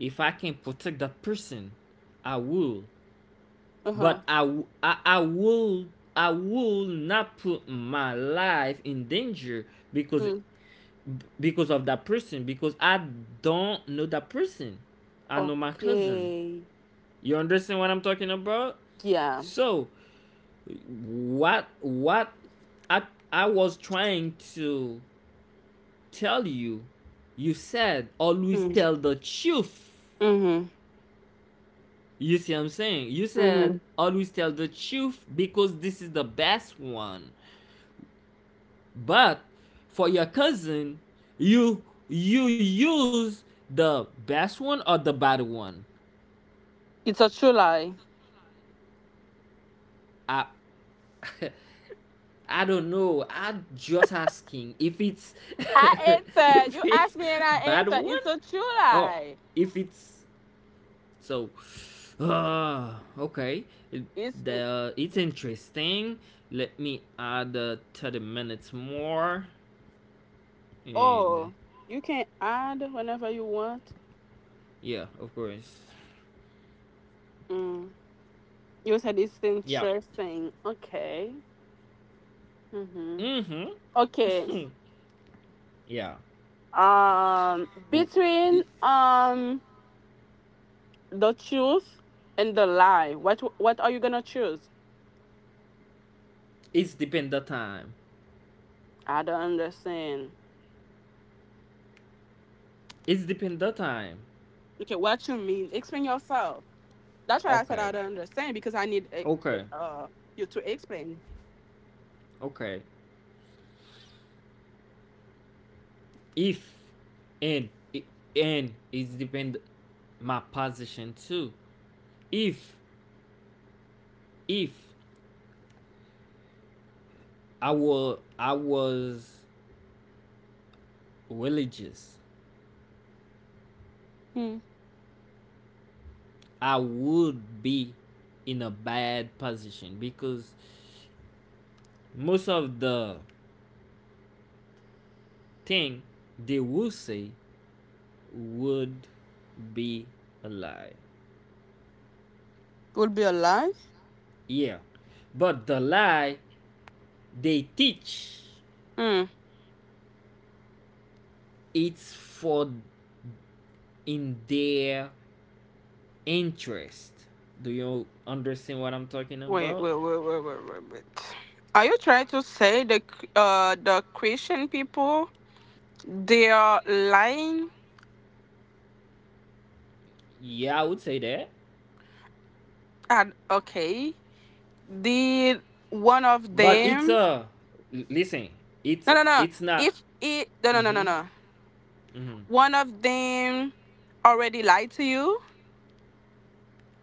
Speaker 1: if I can protect the person, I will.
Speaker 2: Uh huh.
Speaker 1: But I, w- I, I will I will not put my life in danger because because of that person, because I don't know that person. I know my cousin.
Speaker 2: Okay.
Speaker 1: You understand what I'm talking about?
Speaker 2: Yeah.
Speaker 1: So what what I I was trying to tell you, you said always
Speaker 2: Mm.
Speaker 1: tell the truth.
Speaker 2: Mhm.
Speaker 1: You see what I'm saying? You said
Speaker 2: Mhm.
Speaker 1: always tell the truth because this is the best one. But for your cousin, you you use the best one or the bad one.
Speaker 2: It's a true lie.
Speaker 1: I [laughs] I don't know. I'm just asking if it's [laughs]
Speaker 2: I answered. You
Speaker 1: if
Speaker 2: asked
Speaker 1: it's
Speaker 2: me and I
Speaker 1: bad
Speaker 2: answered.
Speaker 1: one. One
Speaker 2: It's a true
Speaker 1: oh
Speaker 2: lie.
Speaker 1: if it's so [sighs] uh, okay. It-
Speaker 2: It's it,
Speaker 1: the it's interesting. Let me add uh, thirty minutes more. And
Speaker 2: oh, you can add whenever you want.
Speaker 1: Yeah, of course.
Speaker 2: Mm. You said it's
Speaker 1: Yeah.
Speaker 2: interesting. Okay. Mhm. Okay.
Speaker 1: Mm-hmm. [laughs] Yeah.
Speaker 2: Um,
Speaker 1: W-
Speaker 2: between
Speaker 1: it,
Speaker 2: um the truth and the lie, what what are you gonna choose?
Speaker 1: it's depend the time.
Speaker 2: I don't understand.
Speaker 1: It's depend the time.
Speaker 2: Okay, what you mean? Explain yourself. That's why I said
Speaker 1: Okay.
Speaker 2: I don't understand because I need eh, eh,
Speaker 1: Okay.
Speaker 2: uh you to explain.
Speaker 1: Okay. If and and it depend my position too. If if i were I was religious,
Speaker 2: Hmm.
Speaker 1: I would be in a bad position because most of the thing they would say would be a lie.
Speaker 2: Would be a lie?
Speaker 1: Yeah. But the lie they teach,
Speaker 2: Hmm.
Speaker 1: it's for in their interest. Do you understand what I'm talking
Speaker 2: Wait,
Speaker 1: about?
Speaker 2: wait, wait, wait, wait, wait, wait. Are you trying to say the uh the Christian people they are lying?
Speaker 1: Yeah, I would say that.
Speaker 2: And okay, did one of
Speaker 1: But it's
Speaker 2: them?
Speaker 1: a listen. It's
Speaker 2: No, no, no.
Speaker 1: it's not.
Speaker 2: If it no, no, no, no,
Speaker 1: Mm-hmm.
Speaker 2: no.
Speaker 1: Mm-hmm.
Speaker 2: One of them already lied to you.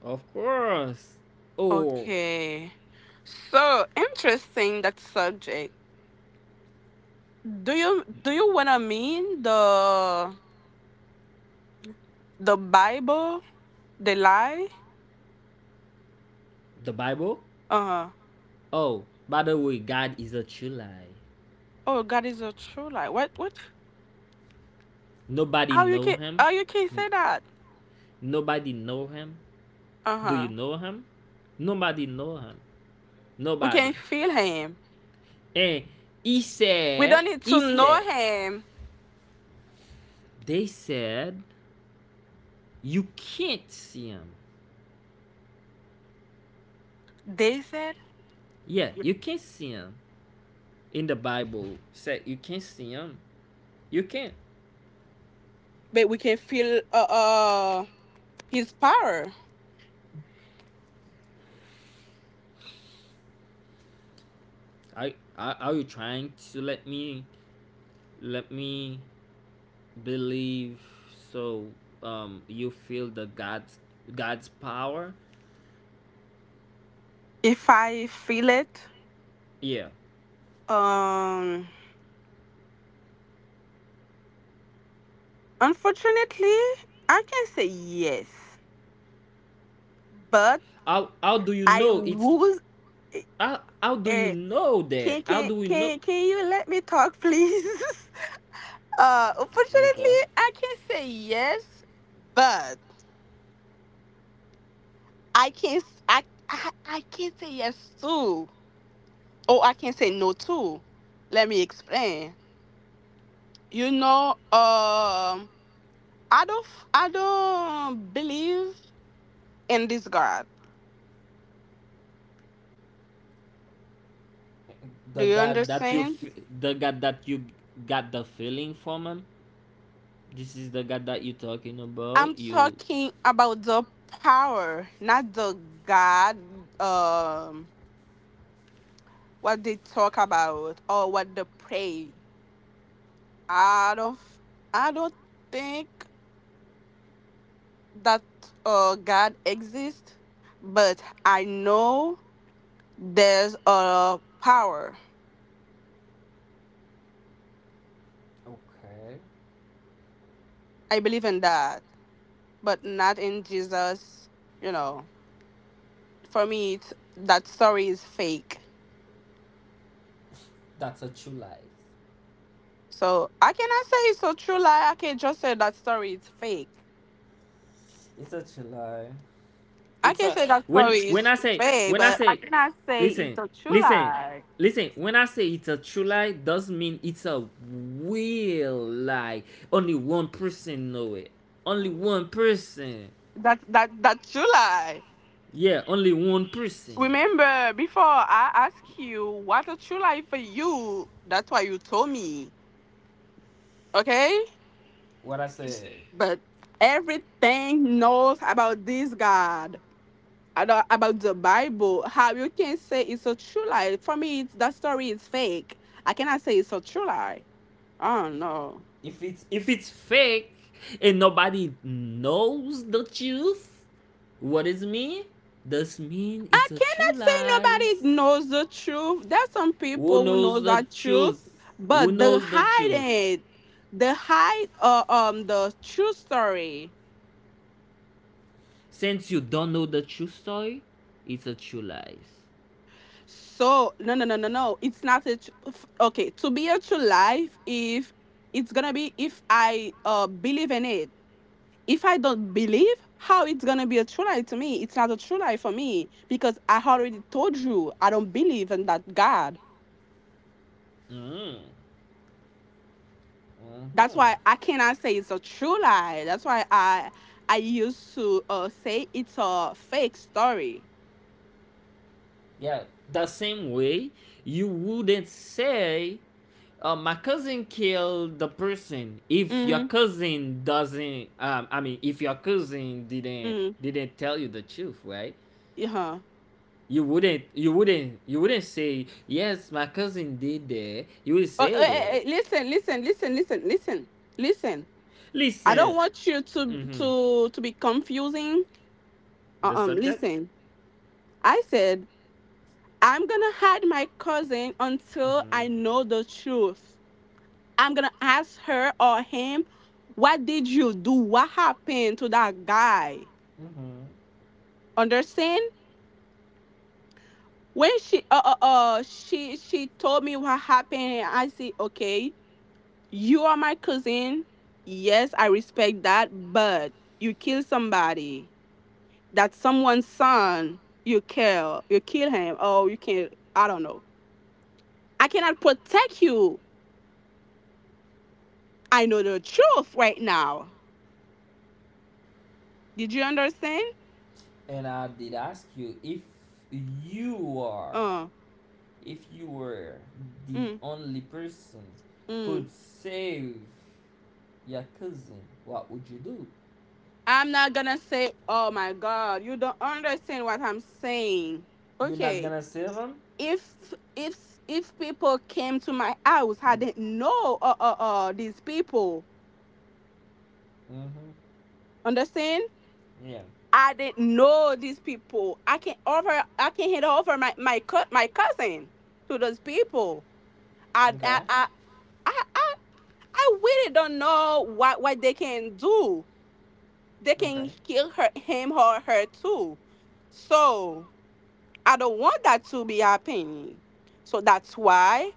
Speaker 1: Of course. Oh,
Speaker 2: Okay. So interesting that subject. Do you do you wanna mean the the Bible, the lie?
Speaker 1: the Bible.
Speaker 2: Uh huh.
Speaker 1: Oh, by the way, God is a true lie.
Speaker 2: Oh, God is a true lie. What what?
Speaker 1: Nobody
Speaker 2: How you
Speaker 1: know
Speaker 2: can
Speaker 1: him.
Speaker 2: how you can
Speaker 1: N-
Speaker 2: say that?
Speaker 1: Nobody know him.
Speaker 2: Uh
Speaker 1: Do you
Speaker 2: huh.
Speaker 1: know him? Nobody know him.
Speaker 2: We can
Speaker 1: Nobody.
Speaker 2: feel Him.
Speaker 1: And he
Speaker 2: We
Speaker 1: said,
Speaker 2: don't need
Speaker 1: he
Speaker 2: to
Speaker 1: said,
Speaker 2: know Him.
Speaker 1: they said, you can't see him.
Speaker 2: They said,
Speaker 1: Yeah, you can see him in the Bible. Said you can see him. You can.
Speaker 2: but we can feel uh, uh His power.
Speaker 1: I are, are you trying to let me let me believe, so um you feel the God's God's power?
Speaker 2: If I feel it,
Speaker 1: Yeah.
Speaker 2: um, unfortunately, I can say yes, but
Speaker 1: How how do you
Speaker 2: I
Speaker 1: know it's
Speaker 2: was. Eh,
Speaker 1: how, how do you
Speaker 2: eh,
Speaker 1: know that?
Speaker 2: can
Speaker 1: How
Speaker 2: can
Speaker 1: do we know?
Speaker 2: can can you let me talk, please? [laughs] Uh,
Speaker 1: Okay.
Speaker 2: unfortunately, I can't say yes, but I can't s- I I, I can't say yes too. Oh, I can't say no too. Let me explain. You know, um, I don't f- I don't believe in this God. Do
Speaker 1: The
Speaker 2: you
Speaker 1: God that you
Speaker 2: understand?
Speaker 1: f- the God that you got the feeling from him. This is the God that you talking
Speaker 2: I'm
Speaker 1: about. You
Speaker 2: talking about the power, not the God. Um. What they talk about or what they pray. I don't f- I don't think that uh God exists, but I know there's a power.
Speaker 1: okay.
Speaker 2: I believe in that, but not in Jesus, you know. For me it's, that story is fake.
Speaker 1: That's a true lie.
Speaker 2: So I cannot say it's a true lie. I can just say that story is fake.
Speaker 1: It's a true lie.
Speaker 2: I
Speaker 1: It's
Speaker 2: can
Speaker 1: a
Speaker 2: say that
Speaker 1: when
Speaker 2: story
Speaker 1: when
Speaker 2: is
Speaker 1: I say
Speaker 2: fake,
Speaker 1: when I
Speaker 2: but I
Speaker 1: say
Speaker 2: cannot say it's
Speaker 1: listen,
Speaker 2: a true
Speaker 1: listen,
Speaker 2: lie.
Speaker 1: listen, when I say it's a true lie doesn't mean it's a real lie. Only one person know it. Only
Speaker 2: Mm.
Speaker 1: one person.
Speaker 2: That that that's true lie.
Speaker 1: Yeah, only one person.
Speaker 2: Remember, before I asked you what a true lie for you, that's why you told me. Okay?
Speaker 1: What I said.
Speaker 2: But everything knows about this God. ado- About the Bible, how you can say it's a true lie. For me, it's, that story is fake. I cannot say it's a true lie. Oh no.
Speaker 1: If it's If it's fake and nobody knows the truth, what is mean? Does mean
Speaker 2: I
Speaker 1: it's a true
Speaker 2: cannot say
Speaker 1: lies.
Speaker 2: nobody knows the truth. There's some
Speaker 1: Who
Speaker 2: people who
Speaker 1: knows
Speaker 2: knows
Speaker 1: the
Speaker 2: that truth,
Speaker 1: truth? Who
Speaker 2: but the
Speaker 1: knows the
Speaker 2: hide
Speaker 1: truth?
Speaker 2: it. They hide uh, um the true story.
Speaker 1: Since you don't know the true story, it's a true lies.
Speaker 2: So no no no no no, it's not a tr- f- okay to be a true life if it's gonna be if I uh believe in it. If I don't believe, how it's gonna be a true life to me? It's not a true life for me because I already told you I don't believe in that God.
Speaker 1: Mm.
Speaker 2: That's
Speaker 1: Huh.
Speaker 2: why I cannot say it's a true lie. That's why I I used to uh say it's a fake story.
Speaker 1: Yeah, the same way you wouldn't say, uh, "My cousin killed the person." If your
Speaker 2: Mm-hmm.
Speaker 1: cousin doesn't, um, I mean, if your cousin didn't
Speaker 2: Mm-hmm.
Speaker 1: didn't tell you the truth, right?
Speaker 2: Yeah.
Speaker 1: You wouldn't, you wouldn't, you wouldn't say, "Yes, my cousin did that." You would
Speaker 2: Uh, uh,
Speaker 1: say
Speaker 2: uh,
Speaker 1: that.
Speaker 2: listen, listen, listen, listen, listen, listen. I
Speaker 1: Listen.
Speaker 2: don't want you to
Speaker 1: Hmm.
Speaker 2: to to be confusing. Uh,
Speaker 1: The
Speaker 2: um,
Speaker 1: subject.
Speaker 2: listen. I said I'm gonna hide my cousin until
Speaker 1: Hmm.
Speaker 2: I know the truth. I'm gonna ask her or him, what did you do? What happened to that guy? Understand? When she uh, uh uh she she told me what happened, and I said, okay, you are my cousin, yes, I respect that, but you kill somebody. That's someone's son. You kill you kill him. Oh, you can, I don't know, I cannot protect you. I know the truth right now. Did you understand?
Speaker 1: And I did ask you if you are,
Speaker 2: uh
Speaker 1: if you were the
Speaker 2: mm,
Speaker 1: only person
Speaker 2: mm.
Speaker 1: could save your cousin, what would you do?
Speaker 2: I'm not gonna say, oh my God, you don't understand what I'm saying.
Speaker 1: You're not
Speaker 2: Okay,
Speaker 1: gonna save him?
Speaker 2: if if if people came to my house, I didn't know uh uh, uh these people.
Speaker 1: Mm-hmm.
Speaker 2: Understand?
Speaker 1: Yeah.
Speaker 2: I didn't know these people. I can over I can hand over my my co- my cousin to those people. I I
Speaker 1: Okay.
Speaker 2: I I, I, I really don't know what what they can do. They
Speaker 1: Okay.
Speaker 2: can kill her him or her too. So I don't want that to be happening. So that's why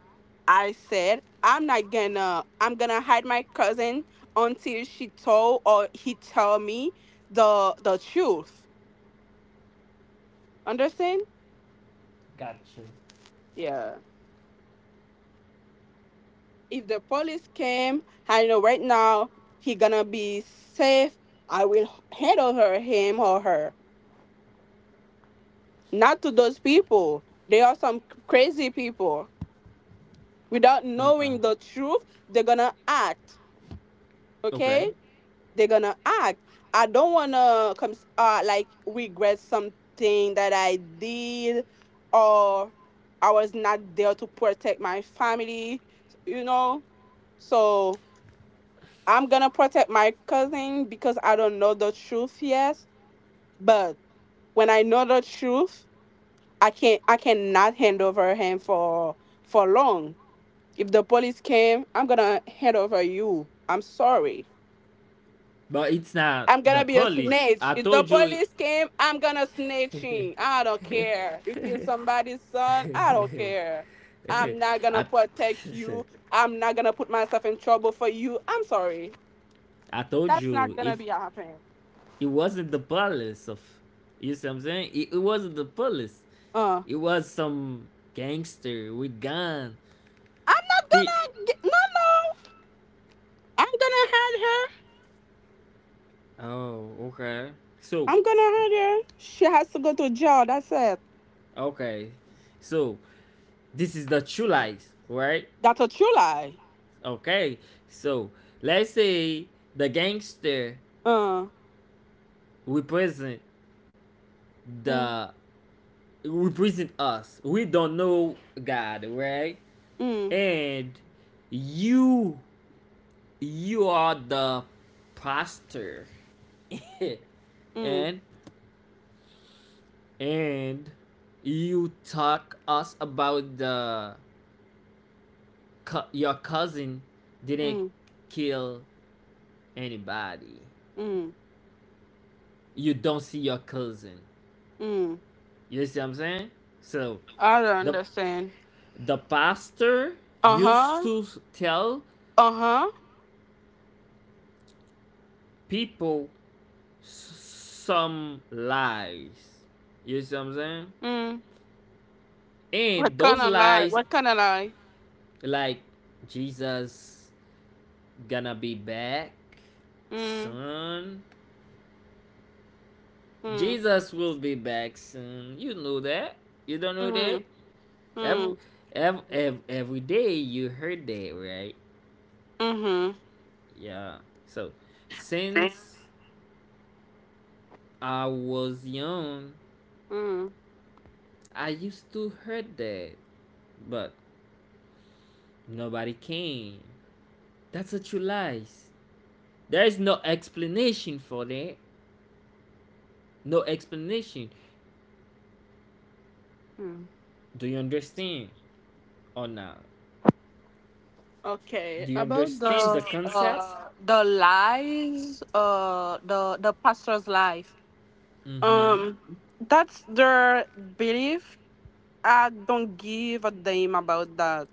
Speaker 2: I said I'm not gonna I'm gonna hide my cousin until she told or he tell me the the truth. Understand?
Speaker 1: Gotcha.
Speaker 2: Yeah. If the police came, I know right now he gonna be safe. I will hand over him or her. Not to those people. They are some crazy people. Without
Speaker 1: Okay.
Speaker 2: knowing the truth, they're gonna act.
Speaker 1: Okay.
Speaker 2: Okay? They're gonna act. I don't wanna come uh like regret something that I did, or I was not there to protect my family, you know. So I'm gonna protect my cousin because I don't know the truth yet. But when I know the truth, I can't I cannot hand over him for for long. If the police came, I'm gonna hand over you. I'm sorry.
Speaker 1: But it's not
Speaker 2: I'm
Speaker 1: the
Speaker 2: gonna be a
Speaker 1: police.
Speaker 2: snitch.
Speaker 1: I
Speaker 2: If the
Speaker 1: told you.
Speaker 2: police came, I'm gonna snitch him. I don't
Speaker 1: it-
Speaker 2: care. You kill somebody's son, I don't care. I'm
Speaker 1: [laughs]
Speaker 2: not gonna
Speaker 1: I,
Speaker 2: protect you.
Speaker 1: [laughs]
Speaker 2: I'm not gonna put myself in trouble for you. I'm sorry.
Speaker 1: I told
Speaker 2: That's not
Speaker 1: you
Speaker 2: gonna
Speaker 1: if
Speaker 2: be happening.
Speaker 1: it wasn't the police of you see what I'm saying? It, it wasn't the police.
Speaker 2: Uh,
Speaker 1: It was some gangster with gun.
Speaker 2: I'm not
Speaker 1: P
Speaker 2: gonna. Get, no, no. I'm gonna hurt her.
Speaker 1: oh, okay. So
Speaker 2: I'm gonna hurt her. She has to go to jail. That's it.
Speaker 1: okay. So this is the true lies, right?
Speaker 2: That's a true lie.
Speaker 1: Okay. So let's say the gangster
Speaker 2: Uh,
Speaker 1: represent
Speaker 2: mm,
Speaker 1: the represent us. We don't know God, right?
Speaker 2: mm,
Speaker 1: And you you are the pastor. [laughs]
Speaker 2: mm,
Speaker 1: and and you talk us about the cu- your cousin didn't
Speaker 2: mm,
Speaker 1: kill anybody.
Speaker 2: mm,
Speaker 1: You don't see your cousin.
Speaker 2: mm.
Speaker 1: You see what I'm saying? So
Speaker 2: I don't
Speaker 1: the
Speaker 2: understand.
Speaker 1: the pastor
Speaker 2: Uh
Speaker 1: used
Speaker 2: huh.
Speaker 1: to tell
Speaker 2: Uh-huh.
Speaker 1: people s- some lies. You see what I'm saying?
Speaker 2: Mm.
Speaker 1: And
Speaker 2: What kind
Speaker 1: those
Speaker 2: of lie?
Speaker 1: lies
Speaker 2: What kind of lie?
Speaker 1: like Jesus gonna be back
Speaker 2: Mm.
Speaker 1: soon.
Speaker 2: Mm.
Speaker 1: Jesus will be back soon. You know that. You don't know that.
Speaker 2: Mm. Mm.
Speaker 1: Every
Speaker 2: Mm.
Speaker 1: every, every, every day you heard that, right?
Speaker 2: Mhm.
Speaker 1: Yeah. So since I was young,
Speaker 2: Mm.
Speaker 1: I used to heard that, but nobody came. That's a true lies. There is no explanation for that. No explanation.
Speaker 2: Mm.
Speaker 1: Do you understand? Or not?
Speaker 2: Okay.
Speaker 1: Do you
Speaker 2: About the
Speaker 1: understand the concept?
Speaker 2: uh the lies, uh the the pastor's life.
Speaker 1: Mm-hmm.
Speaker 2: Um that's their belief. I don't give a damn about that.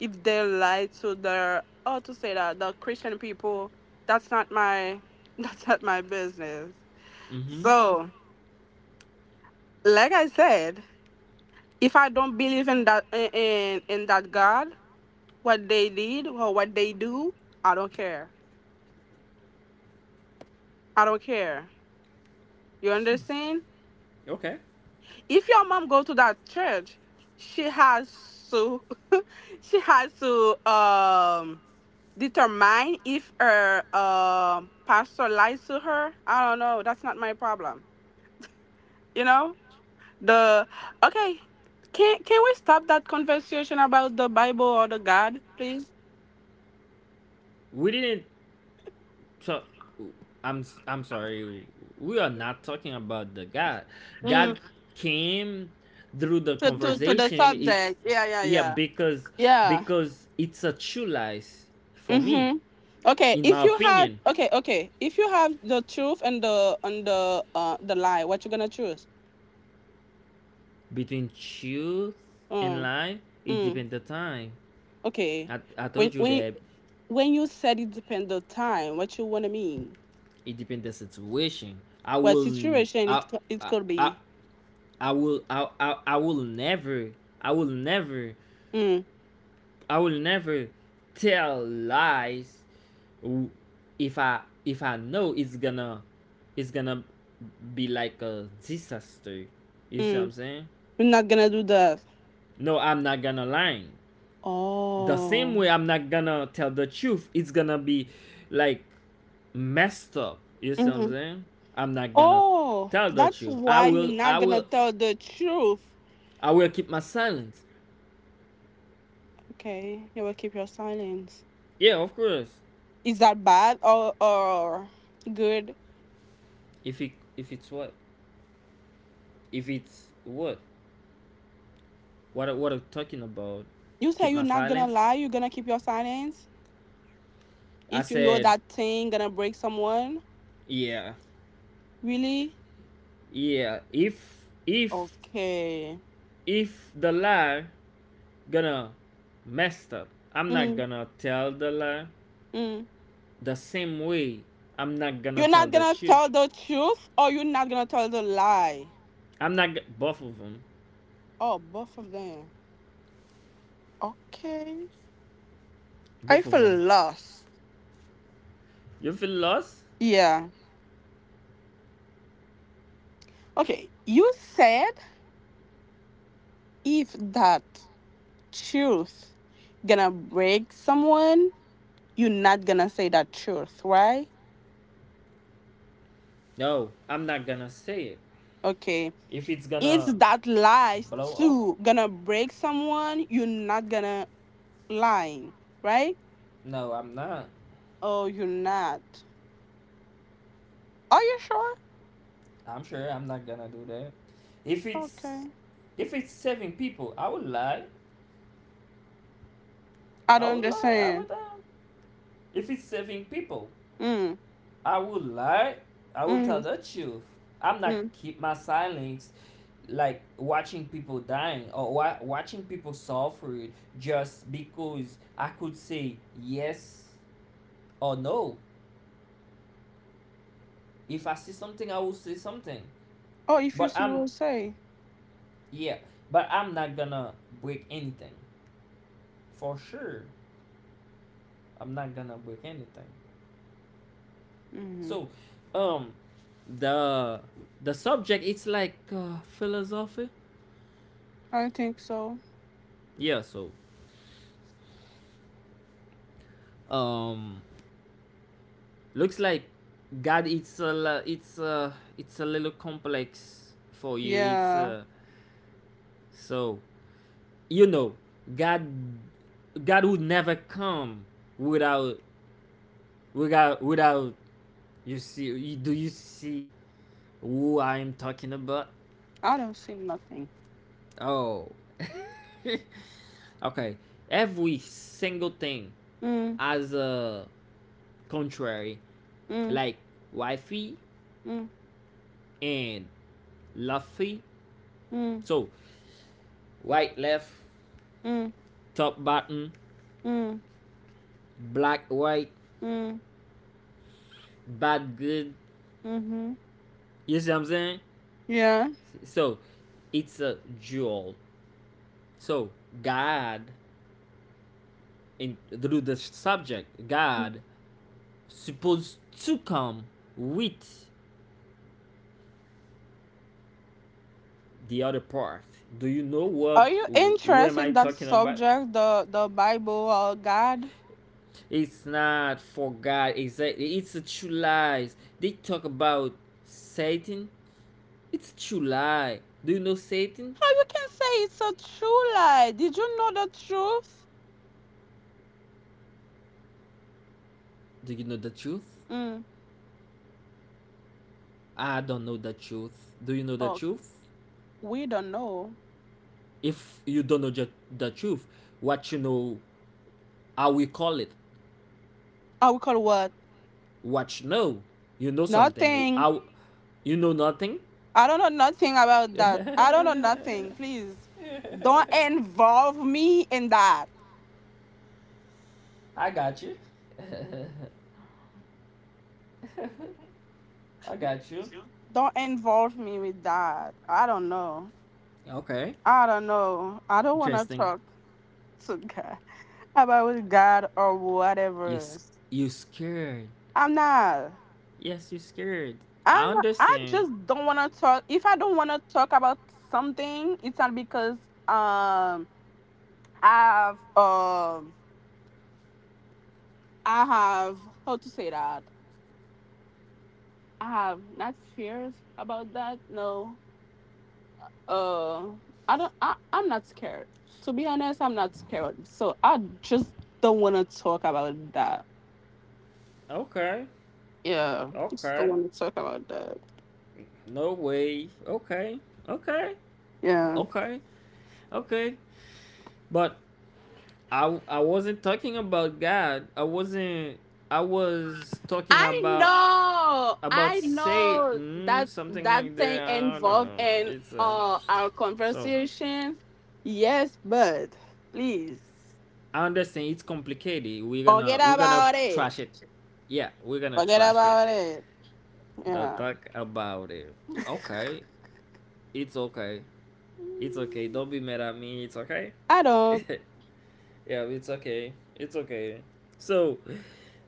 Speaker 2: If they lie to their, oh, to say that the Christian people, that's not my [laughs] that's not my business.
Speaker 1: Mm-hmm.
Speaker 2: So like I said, if I don't believe in that, in in in that God, what they did or what they do, I don't care. I don't care. You understand?
Speaker 1: Okay.
Speaker 2: If your mom go to that church, she has to [laughs] she has to um determine if her um pastor lies to her. I don't know. That's not my problem. You know? The Okay. Can can we stop that conversation about the Bible or the God, please?
Speaker 1: We didn't talk. I'm i I'm sorry. We are not talking about the God.
Speaker 2: Mm.
Speaker 1: God came through the
Speaker 2: to, to, to the
Speaker 1: conversation. It's
Speaker 2: subject. Yeah, yeah,
Speaker 1: yeah,
Speaker 2: yeah.
Speaker 1: because
Speaker 2: Yeah.
Speaker 1: because it's a true lies for me,
Speaker 2: Mm-hmm. Okay,
Speaker 1: in
Speaker 2: if
Speaker 1: my
Speaker 2: you had
Speaker 1: opinion.
Speaker 2: okay, okay. If you have the truth and the and the uh the lie, what you gonna choose?
Speaker 1: Between truth and
Speaker 2: Mm.
Speaker 1: lie, it
Speaker 2: Mm.
Speaker 1: depends the time.
Speaker 2: Okay.
Speaker 1: I, I
Speaker 2: When
Speaker 1: told you
Speaker 2: when
Speaker 1: that
Speaker 2: when you said it depends on time, what you wanna mean?
Speaker 1: it depends the situation. I
Speaker 2: What
Speaker 1: will
Speaker 2: situation
Speaker 1: I
Speaker 2: it co- it
Speaker 1: I
Speaker 2: could
Speaker 1: I,
Speaker 2: be?
Speaker 1: I will I, I I will never I will never
Speaker 2: Mm.
Speaker 1: I will never tell lies if I if I know it's gonna it's gonna be like a disaster. You see what
Speaker 2: Mm.
Speaker 1: I'm saying?
Speaker 2: We're not gonna do that.
Speaker 1: No, I'm not gonna lie. The same
Speaker 2: Oh.
Speaker 1: way I'm not gonna tell the truth, it's gonna be like messed up. You see what I'm
Speaker 2: Mm-hmm.
Speaker 1: saying? I'm not gonna
Speaker 2: Oh,
Speaker 1: tell the
Speaker 2: that's
Speaker 1: truth. I
Speaker 2: why you're
Speaker 1: will I
Speaker 2: not gonna
Speaker 1: will
Speaker 2: tell the truth.
Speaker 1: I will keep my silence.
Speaker 2: Okay, you will keep your silence.
Speaker 1: Yeah, of course.
Speaker 2: Is that bad or or good?
Speaker 1: If it if it's what if it's what what what I'm talking about,
Speaker 2: You
Speaker 1: keep
Speaker 2: say you're
Speaker 1: my
Speaker 2: not gonna
Speaker 1: silence.
Speaker 2: lie, you're gonna keep your silence.
Speaker 1: I
Speaker 2: If you know
Speaker 1: said
Speaker 2: that thing gonna break someone,
Speaker 1: yeah,
Speaker 2: really?
Speaker 1: yeah. If if
Speaker 2: Okay.
Speaker 1: If the lie gonna messed up, I'm not
Speaker 2: Mm-hmm.
Speaker 1: gonna tell the lie.
Speaker 2: Mm.
Speaker 1: The same way, I'm not gonna
Speaker 2: You're
Speaker 1: tell
Speaker 2: not
Speaker 1: the
Speaker 2: gonna
Speaker 1: truth.
Speaker 2: tell the truth or you're not gonna tell the lie.
Speaker 1: I'm not g- Both of them.
Speaker 2: Oh, both of them. Okay. I
Speaker 1: Both of
Speaker 2: feel
Speaker 1: them.
Speaker 2: lost.
Speaker 1: You feel lost?
Speaker 2: Yeah. Okay. You said if that truth gonna break someone, you're not gonna say that truth, right?
Speaker 1: No, I'm not gonna say it.
Speaker 2: Okay.
Speaker 1: If it's
Speaker 2: If
Speaker 1: gonna
Speaker 2: that lie
Speaker 1: blow up,
Speaker 2: too gonna break someone, you're not gonna lying, right?
Speaker 1: no, I'm not.
Speaker 2: Oh, you're not. Are you sure?
Speaker 1: I'm sure I'm not gonna do that. If it's
Speaker 2: Okay.
Speaker 1: if it's saving people, I would lie.
Speaker 2: I
Speaker 1: I
Speaker 2: don't
Speaker 1: would lie I
Speaker 2: understand.
Speaker 1: would time. If it's saving people,
Speaker 2: Mm,
Speaker 1: I would lie. I would tell
Speaker 2: mm,
Speaker 1: the truth. I'm not
Speaker 2: mm.
Speaker 1: keep my silence, like watching people dying or wa- watching people suffer just because I could say yes or no. If I see something, I will say something.
Speaker 2: Oh, if you
Speaker 1: But
Speaker 2: see, you
Speaker 1: I'm
Speaker 2: will say.
Speaker 1: yeah. But I'm not gonna break anything for sure. I'm not gonna book anything.
Speaker 2: Mm-hmm.
Speaker 1: So, um, the the subject it's like uh, philosophy.
Speaker 2: I think so.
Speaker 1: Yeah. So, um, looks like God. It's a li- it's a it's a little complex for you. It's
Speaker 2: Yeah,
Speaker 1: uh, so you know God. God would never come without without without you see you, do you see who I'm talking about?
Speaker 2: I don't see nothing.
Speaker 1: Oh, okay. Every single thing
Speaker 2: Mm,
Speaker 1: as a contrary,
Speaker 2: mm,
Speaker 1: like wifey
Speaker 2: mm,
Speaker 1: and lovey,
Speaker 2: mm,
Speaker 1: so white left,
Speaker 2: mm,
Speaker 1: top bottom,
Speaker 2: mm,
Speaker 1: black white,
Speaker 2: mm,
Speaker 1: bad good.
Speaker 2: mm-hmm.
Speaker 1: You see what I'm saying?
Speaker 2: Yeah.
Speaker 1: So it's a dual. So God in through the subject, God supposed to come with the other part. Do you know
Speaker 2: Are
Speaker 1: what
Speaker 2: you
Speaker 1: who am
Speaker 2: interested
Speaker 1: I
Speaker 2: in that
Speaker 1: talking about?
Speaker 2: subject, the the Bible or God?
Speaker 1: It's not for God. Exactly. It's a true lie. They talk about Satan. It's a true lie. Do you know Satan?
Speaker 2: How you can say it's a true lie? Did you know the truth?
Speaker 1: Do you know the truth?
Speaker 2: Mm.
Speaker 1: I don't know the truth. Do you know the
Speaker 2: Oh,
Speaker 1: truth?
Speaker 2: we don't know.
Speaker 1: If you don't know ju- the truth, what you know, how we call it?
Speaker 2: I we call what?
Speaker 1: What you know? You know something.
Speaker 2: Nothing.
Speaker 1: How you know nothing?
Speaker 2: I don't know nothing about that. I don't
Speaker 1: [laughs]
Speaker 2: know nothing. Please, don't involve me in that.
Speaker 1: I got you. [laughs] I got you.
Speaker 2: Don't involve me with that. I don't know.
Speaker 1: Okay.
Speaker 2: I don't know. I don't want to
Speaker 1: Interesting.
Speaker 2: talk to God [laughs] about God or
Speaker 1: You
Speaker 2: whatever.
Speaker 1: s-
Speaker 2: Else.
Speaker 1: you scared.
Speaker 2: I'm not.
Speaker 1: Yes, you scared. I
Speaker 2: I I
Speaker 1: understand.
Speaker 2: just don't want to talk. If I don't want to talk about something, it's not because um I have um I have how to say that I have not fears about that. No, uh, I don't. I I'm not scared. To be honest, I'm not scared. So I just don't want to talk about that.
Speaker 1: Okay.
Speaker 2: Yeah, I just don't
Speaker 1: Okay.
Speaker 2: want to talk about that.
Speaker 1: No way. Okay. Okay.
Speaker 2: Yeah.
Speaker 1: Okay. Okay. But I I wasn't talking about God. I wasn't I was talking
Speaker 2: I
Speaker 1: about
Speaker 2: know,
Speaker 1: about
Speaker 2: I know
Speaker 1: Satan,
Speaker 2: that
Speaker 1: something
Speaker 2: that
Speaker 1: like
Speaker 2: thing
Speaker 1: that. I don't
Speaker 2: involved
Speaker 1: know.
Speaker 2: in
Speaker 1: It's uh
Speaker 2: uh our
Speaker 1: so
Speaker 2: conversation. Yes, but please
Speaker 1: I understand it's complicated. We're gonna
Speaker 2: forget
Speaker 1: we're gonna
Speaker 2: about it.
Speaker 1: trash it. Yeah, we're gonna
Speaker 2: Forget
Speaker 1: trash it.
Speaker 2: about it.
Speaker 1: Don't
Speaker 2: Yeah.
Speaker 1: talk about it. Okay. It's okay. It's okay.
Speaker 2: Mm,
Speaker 1: Don't be mad at me. It's okay.
Speaker 2: I
Speaker 1: [laughs]
Speaker 2: don't.
Speaker 1: Yeah, it's okay. It's okay. So,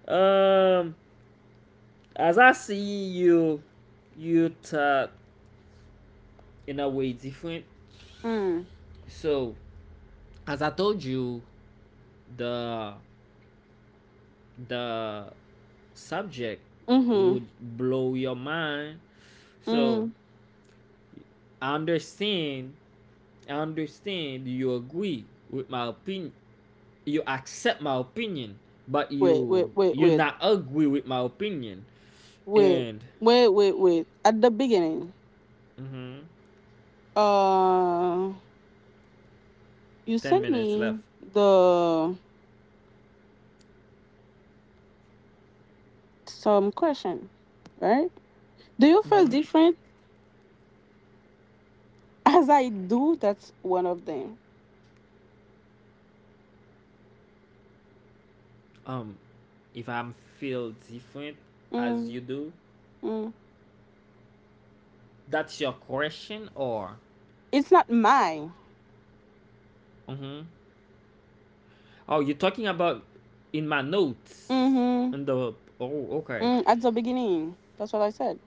Speaker 1: um, as I see you, you talk in a way different.
Speaker 2: Mm.
Speaker 1: So, as I told you, the the subject
Speaker 2: Mm-hmm.
Speaker 1: would blow your mind. So,
Speaker 2: Mm.
Speaker 1: I understand. I understand. You agree with my opinion. You accept my opinion, but
Speaker 2: Wait, wait,
Speaker 1: you
Speaker 2: wait,
Speaker 1: you
Speaker 2: wait,
Speaker 1: not agree with my opinion.
Speaker 2: wait,
Speaker 1: And
Speaker 2: wait, wait, wait. At the beginning,
Speaker 1: mhm,
Speaker 2: uh, you
Speaker 1: ten
Speaker 2: sent
Speaker 1: minutes
Speaker 2: me
Speaker 1: left.
Speaker 2: the some question, right? Do you feel
Speaker 1: Hmm.
Speaker 2: different? As I do, that's one of them.
Speaker 1: Um, if I'm feel different as
Speaker 2: Mm,
Speaker 1: you do,
Speaker 2: mm.
Speaker 1: that's your question, or
Speaker 2: It's not mine.
Speaker 1: hmm, oh, you're talking about in my notes,
Speaker 2: Hmm
Speaker 1: in the oh okay
Speaker 2: Mm, at the beginning, that's what I said.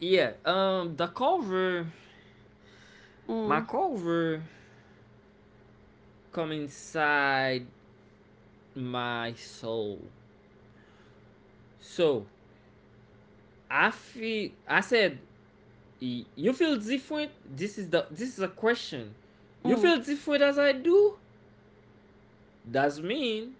Speaker 1: yeah um the cover my
Speaker 2: Mm,
Speaker 1: cover come inside my soul. So I feel I said you feel different? This is the this is a question. You
Speaker 2: mm,
Speaker 1: feel different as I do? Does mean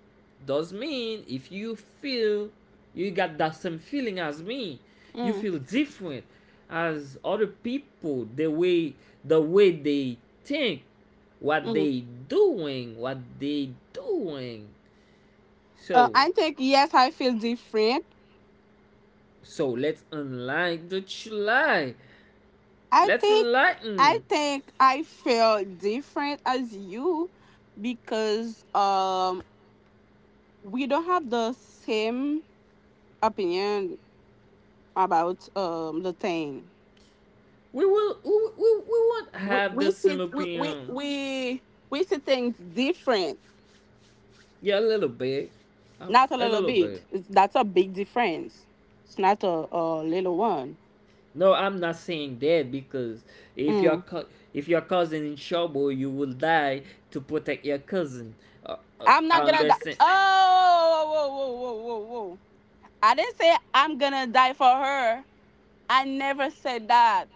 Speaker 1: does mean if you feel you got that same feeling as me, you
Speaker 2: mm,
Speaker 1: feel different as other people, the way the way they think, what
Speaker 2: mm.
Speaker 1: they doing, what they doing.
Speaker 2: Uh,
Speaker 1: So
Speaker 2: I think yes, I feel different.
Speaker 1: so let's unlike the July.
Speaker 2: I
Speaker 1: Let's
Speaker 2: think I
Speaker 1: enlighten
Speaker 2: think I feel different as you because um we don't have the same opinion about um the thing.
Speaker 1: we will. We, we, we won't
Speaker 2: We
Speaker 1: have the
Speaker 2: we see
Speaker 1: same
Speaker 2: we we
Speaker 1: opinion.
Speaker 2: we, we see things different.
Speaker 1: Yeah, a little bit. Uh,
Speaker 2: Not a
Speaker 1: A
Speaker 2: little
Speaker 1: little
Speaker 2: bit.
Speaker 1: bit.
Speaker 2: It's, that's a big difference. It's not a, a little one.
Speaker 1: No, I'm not saying that because if your
Speaker 2: Mm.
Speaker 1: co- if your cousin in trouble, you will die to protect your cousin. Uh, uh,
Speaker 2: I'm
Speaker 1: I
Speaker 2: not gonna die.
Speaker 1: understand.
Speaker 2: Oh, whoa, whoa, whoa, whoa, whoa. I didn't say I'm gonna die for her. I never said that.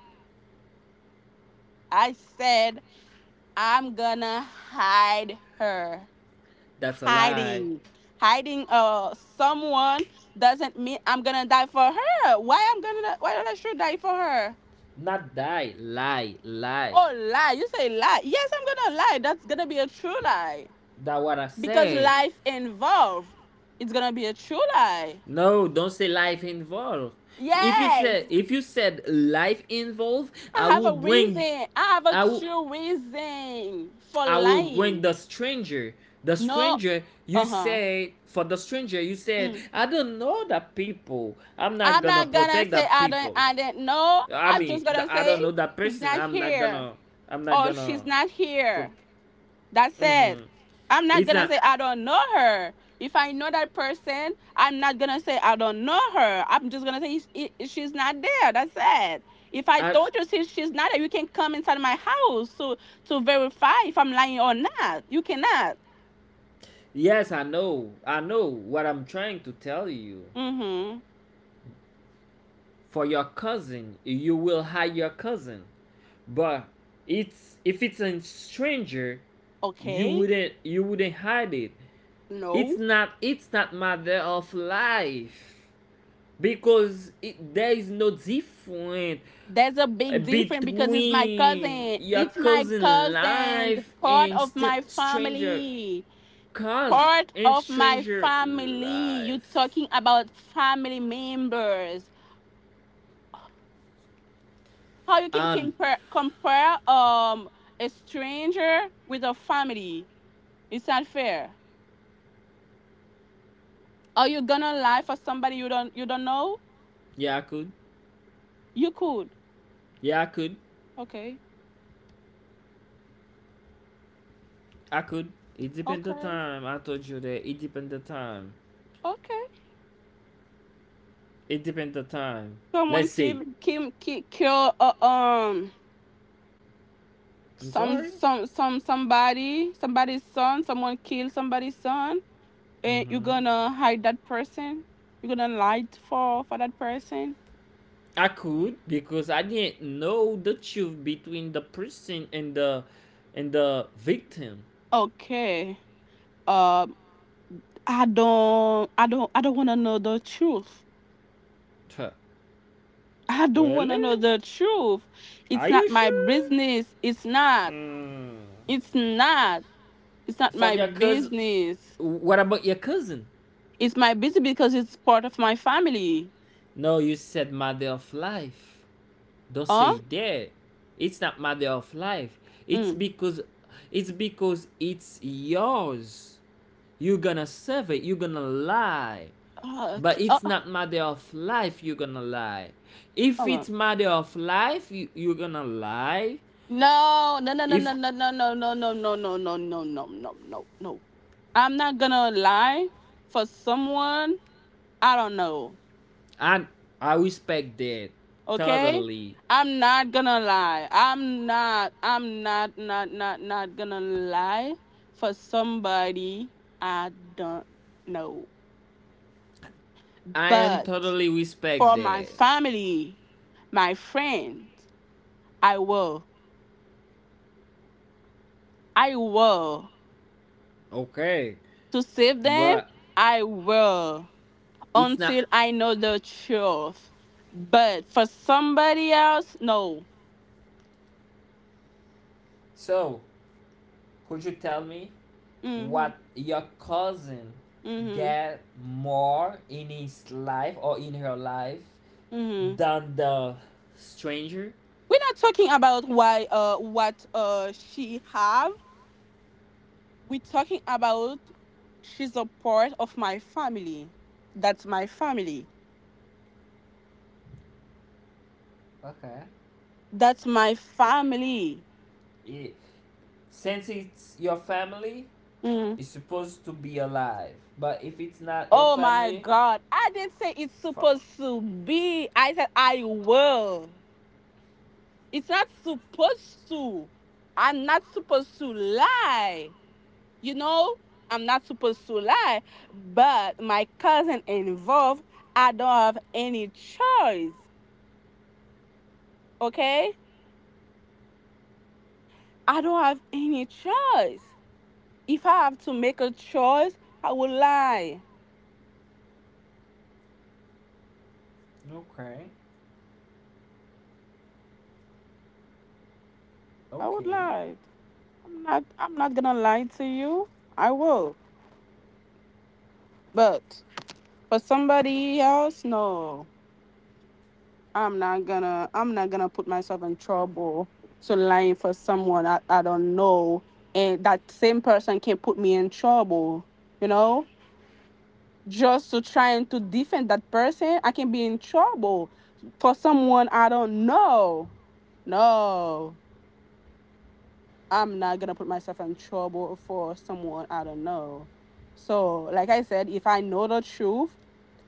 Speaker 2: I said I'm gonna hide her.
Speaker 1: That's a lie.
Speaker 2: Hiding. Hiding uh someone doesn't mean I'm gonna die for her. Why I'm gonna why would I should die for her?
Speaker 1: Not die. Lie. Lie.
Speaker 2: Oh lie, you say lie. Yes, I'm gonna lie. That's gonna be a true lie.
Speaker 1: That what I
Speaker 2: Because
Speaker 1: said.
Speaker 2: life involved, it's gonna be a true lie.
Speaker 1: No, don't say life involved. If you
Speaker 2: Yes,
Speaker 1: said if you said life involved,
Speaker 2: I
Speaker 1: I
Speaker 2: have
Speaker 1: will
Speaker 2: a
Speaker 1: bring
Speaker 2: reason. I have a
Speaker 1: I will
Speaker 2: true reason for
Speaker 1: I will bring
Speaker 2: lying.
Speaker 1: the stranger. The
Speaker 2: No.
Speaker 1: stranger, you
Speaker 2: Uh-huh.
Speaker 1: said, for the stranger, you said,
Speaker 2: Mm.
Speaker 1: I don't know that people. I'm not
Speaker 2: I'm
Speaker 1: gonna
Speaker 2: not gonna
Speaker 1: protect
Speaker 2: say
Speaker 1: that
Speaker 2: I don't,
Speaker 1: people.
Speaker 2: I didn't know.
Speaker 1: I
Speaker 2: I'm
Speaker 1: mean,
Speaker 2: just
Speaker 1: the,
Speaker 2: gonna
Speaker 1: I
Speaker 2: say
Speaker 1: don't know that
Speaker 2: he's
Speaker 1: person.
Speaker 2: not
Speaker 1: I'm not
Speaker 2: here
Speaker 1: gonna, I'm not
Speaker 2: or she's
Speaker 1: gonna.
Speaker 2: not
Speaker 1: Pro-
Speaker 2: here. That's
Speaker 1: mm-hmm.
Speaker 2: it. I'm not
Speaker 1: It's
Speaker 2: gonna
Speaker 1: not,
Speaker 2: say I don't know her. If I know that person, I'm not gonna say I don't know her. I'm just gonna say "She- I- she's not there. That's it. If I
Speaker 1: I,
Speaker 2: told you she- she's not there, you can come inside my house to to verify if I'm lying or not. You cannot.
Speaker 1: yes, I know. I know what I'm trying to tell you.
Speaker 2: Mm-hmm.
Speaker 1: For your cousin, you will hide your cousin. But it's, if it's a stranger, you
Speaker 2: Okay.
Speaker 1: wouldn't, you wouldn't hide it. It's
Speaker 2: No.
Speaker 1: not it's not matter of life because it, there is no difference
Speaker 2: There's a big difference because it's my
Speaker 1: between
Speaker 2: cousin.
Speaker 1: your
Speaker 2: It's my
Speaker 1: cousin
Speaker 2: cousin,
Speaker 1: life
Speaker 2: part
Speaker 1: and
Speaker 2: of
Speaker 1: st-
Speaker 2: my
Speaker 1: stranger
Speaker 2: family.
Speaker 1: cause
Speaker 2: Part
Speaker 1: and
Speaker 2: of my
Speaker 1: stranger
Speaker 2: family. You
Speaker 1: life.
Speaker 2: talking about family members? How you can
Speaker 1: Um,
Speaker 2: compare compare um a stranger with a family? It's not fair. Are you gonna lie for somebody you don't you don't know?
Speaker 1: yeah, I could,
Speaker 2: You could.
Speaker 1: yeah, I could,
Speaker 2: Okay.
Speaker 1: I could. It depends the
Speaker 2: Okay.
Speaker 1: time. I told you that it depends the time.
Speaker 2: Okay.
Speaker 1: It depends the time.
Speaker 2: Someone
Speaker 1: Let's see.
Speaker 2: kill kill kill, kill uh, um
Speaker 1: I'm
Speaker 2: some
Speaker 1: sorry.
Speaker 2: some some somebody somebody's son. Someone kill somebody's son. And you're
Speaker 1: Mm-hmm.
Speaker 2: gonna hide that person, you're gonna lie for for that person.
Speaker 1: I could because I didn't know the truth between the person and the and the victim.
Speaker 2: Okay. um i don't i don't I don't want to know the truth.
Speaker 1: Tuh.
Speaker 2: I don't want
Speaker 1: Really?
Speaker 2: to know the truth.
Speaker 1: Are
Speaker 2: It's
Speaker 1: you
Speaker 2: not my
Speaker 1: sure?
Speaker 2: business it's not
Speaker 1: Mm.
Speaker 2: It's not, it's not
Speaker 1: Fuck
Speaker 2: my
Speaker 1: your cousin.
Speaker 2: business.
Speaker 1: What about your cousin?
Speaker 2: It's my business because it's part of my family.
Speaker 1: No, you said matter of life. Don't
Speaker 2: Huh.
Speaker 1: say that. It's not matter of life. It's
Speaker 2: Mm.
Speaker 1: because it's because it's yours. You're gonna serve it. You're gonna lie.
Speaker 2: Uh,
Speaker 1: But
Speaker 2: okay. Uh,
Speaker 1: it's not matter of life you're gonna lie. If
Speaker 2: uh.
Speaker 1: it's matter of life you, you're gonna lie.
Speaker 2: No, no, no, no, no,
Speaker 1: If
Speaker 2: no, no, no, no, no, no, no, no, no, no, no, no, no. I'm not gonna lie for someone. I don't know.
Speaker 1: And I respect that
Speaker 2: Okay?
Speaker 1: totally.
Speaker 2: I'm not gonna lie. I'm not, I'm not, not, not, not gonna lie for somebody I don't know.
Speaker 1: I am
Speaker 2: But
Speaker 1: totally respect
Speaker 2: for my
Speaker 1: that.
Speaker 2: family, my friends, I will. I will.
Speaker 1: Okay.
Speaker 2: To save them,
Speaker 1: But
Speaker 2: I will.
Speaker 1: it's not
Speaker 2: Until I know the truth. But for somebody else, no.
Speaker 1: so could you tell me
Speaker 2: Mhm.
Speaker 1: what your cousin
Speaker 2: Mhm.
Speaker 1: get more in his life or in her life
Speaker 2: Mhm.
Speaker 1: than the stranger?
Speaker 2: We're not talking about why uh what uh she have. We're talking about she's a part of my family. That's my family.
Speaker 1: Okay.
Speaker 2: That's my family.
Speaker 1: It, since it's your family,
Speaker 2: Mm.
Speaker 1: it's supposed to be alive, but if it's not your
Speaker 2: Oh my
Speaker 1: family,
Speaker 2: god. I didn't say it's
Speaker 1: fuck.
Speaker 2: supposed to be. I said I will. It's not supposed to. I'm not supposed to lie. You know, I'm not supposed to lie, but my cousin involved, I don't have any choice. Okay? I don't have any choice. If I have to make a choice, I would lie.
Speaker 1: Okay.
Speaker 2: I would
Speaker 1: Okay.
Speaker 2: lie. I'm not I'm not gonna lie to you. I will. But for somebody else, no. I'm not gonna I'm not gonna put myself in trouble to lying for someone I, I don't know, and that same person can put me in trouble, you know? Just to trying to defend that person, I can be in trouble for someone I don't know. No. I'm not gonna put myself in trouble for someone I don't know. So like I said, if I know the truth,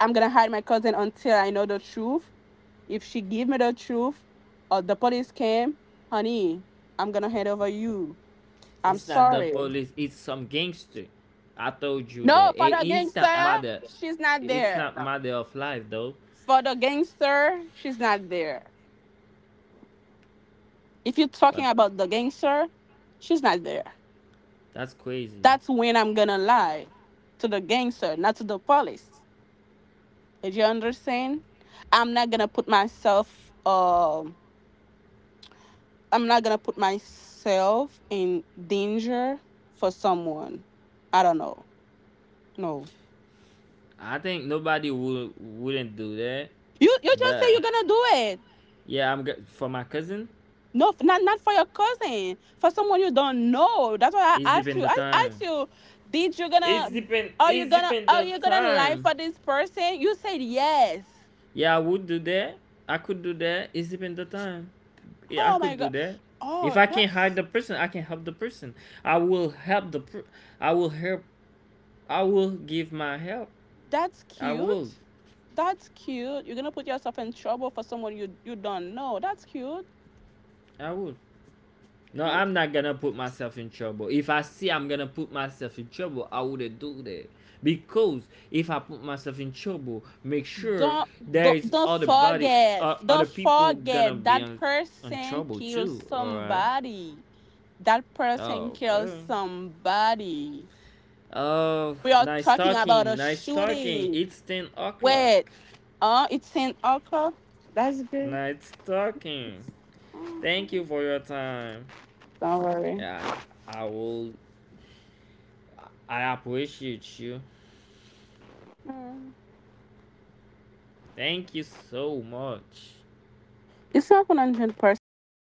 Speaker 2: I'm gonna hide my cousin until I know the truth if she give me the truth or the police came, honey, I'm gonna hand over you. I'm
Speaker 1: It's not the
Speaker 2: sorry.
Speaker 1: police. It's some gangster. I told you
Speaker 2: No,
Speaker 1: that
Speaker 2: for
Speaker 1: it,
Speaker 2: the
Speaker 1: it's
Speaker 2: gangster,
Speaker 1: not matter.
Speaker 2: she's not
Speaker 1: It's
Speaker 2: there.
Speaker 1: not matter of life though.
Speaker 2: For the gangster, she's not there. If you're talking
Speaker 1: But
Speaker 2: about the gangster, she's not there.
Speaker 1: that's crazy.
Speaker 2: That's when I'm gonna lie to the gangster, not to the police. Did you understand? I'm not gonna put myself um I'm not gonna put myself in danger for someone. I don't know. No.
Speaker 1: I think nobody would wouldn't do that.
Speaker 2: You you just say
Speaker 1: But
Speaker 2: you're gonna do it.
Speaker 1: yeah, I'm for my cousin.
Speaker 2: No, f- not not for your cousin, for someone you don't know. That's why
Speaker 1: It's
Speaker 2: I asked
Speaker 1: depend
Speaker 2: you.
Speaker 1: the
Speaker 2: I asked
Speaker 1: time.
Speaker 2: you, did you
Speaker 1: It's
Speaker 2: gonna
Speaker 1: depend
Speaker 2: are you
Speaker 1: it's
Speaker 2: gonna
Speaker 1: depend
Speaker 2: are
Speaker 1: the
Speaker 2: you gonna lie
Speaker 1: time.
Speaker 2: for this person? You said yes.
Speaker 1: Yeah, I would do that. I could do that. It's depend the time. Yeah, I
Speaker 2: Oh my
Speaker 1: could do
Speaker 2: god.
Speaker 1: that. If
Speaker 2: Oh,
Speaker 1: I can hide
Speaker 2: that's
Speaker 1: the person, I can help the person. I will help the. Per- I will help. I will give my help.
Speaker 2: that's
Speaker 1: I will.
Speaker 2: cute. That's cute. You're gonna put yourself in trouble for someone you you don't know. That's cute.
Speaker 1: I will. No,
Speaker 2: You
Speaker 1: I'm not gonna put myself in trouble. If I see I'm gonna put myself in trouble, I wouldn't do that. Because if I put myself in trouble, make sure
Speaker 2: don't
Speaker 1: there
Speaker 2: don't
Speaker 1: is
Speaker 2: don't
Speaker 1: other body,
Speaker 2: forget.
Speaker 1: uh, other
Speaker 2: Don't
Speaker 1: people gonna
Speaker 2: forget
Speaker 1: be
Speaker 2: that
Speaker 1: on, on
Speaker 2: person
Speaker 1: trouble
Speaker 2: killed
Speaker 1: too. All right.
Speaker 2: somebody. That person killed
Speaker 1: Okay.
Speaker 2: somebody.
Speaker 1: Oh,
Speaker 2: We are
Speaker 1: nice
Speaker 2: talking about a
Speaker 1: talking, nice talking.
Speaker 2: shooting.
Speaker 1: It's ten o'clock.
Speaker 2: Wait, oh, it's in Oakland. That's good.
Speaker 1: Nice talking.
Speaker 2: Mm-hmm.
Speaker 1: Thank you for your time.
Speaker 2: Don't worry.
Speaker 1: Yeah, I will. I appreciate you.
Speaker 2: Mm.
Speaker 1: Thank you so much.
Speaker 2: It's not one hundred percent. Yeah,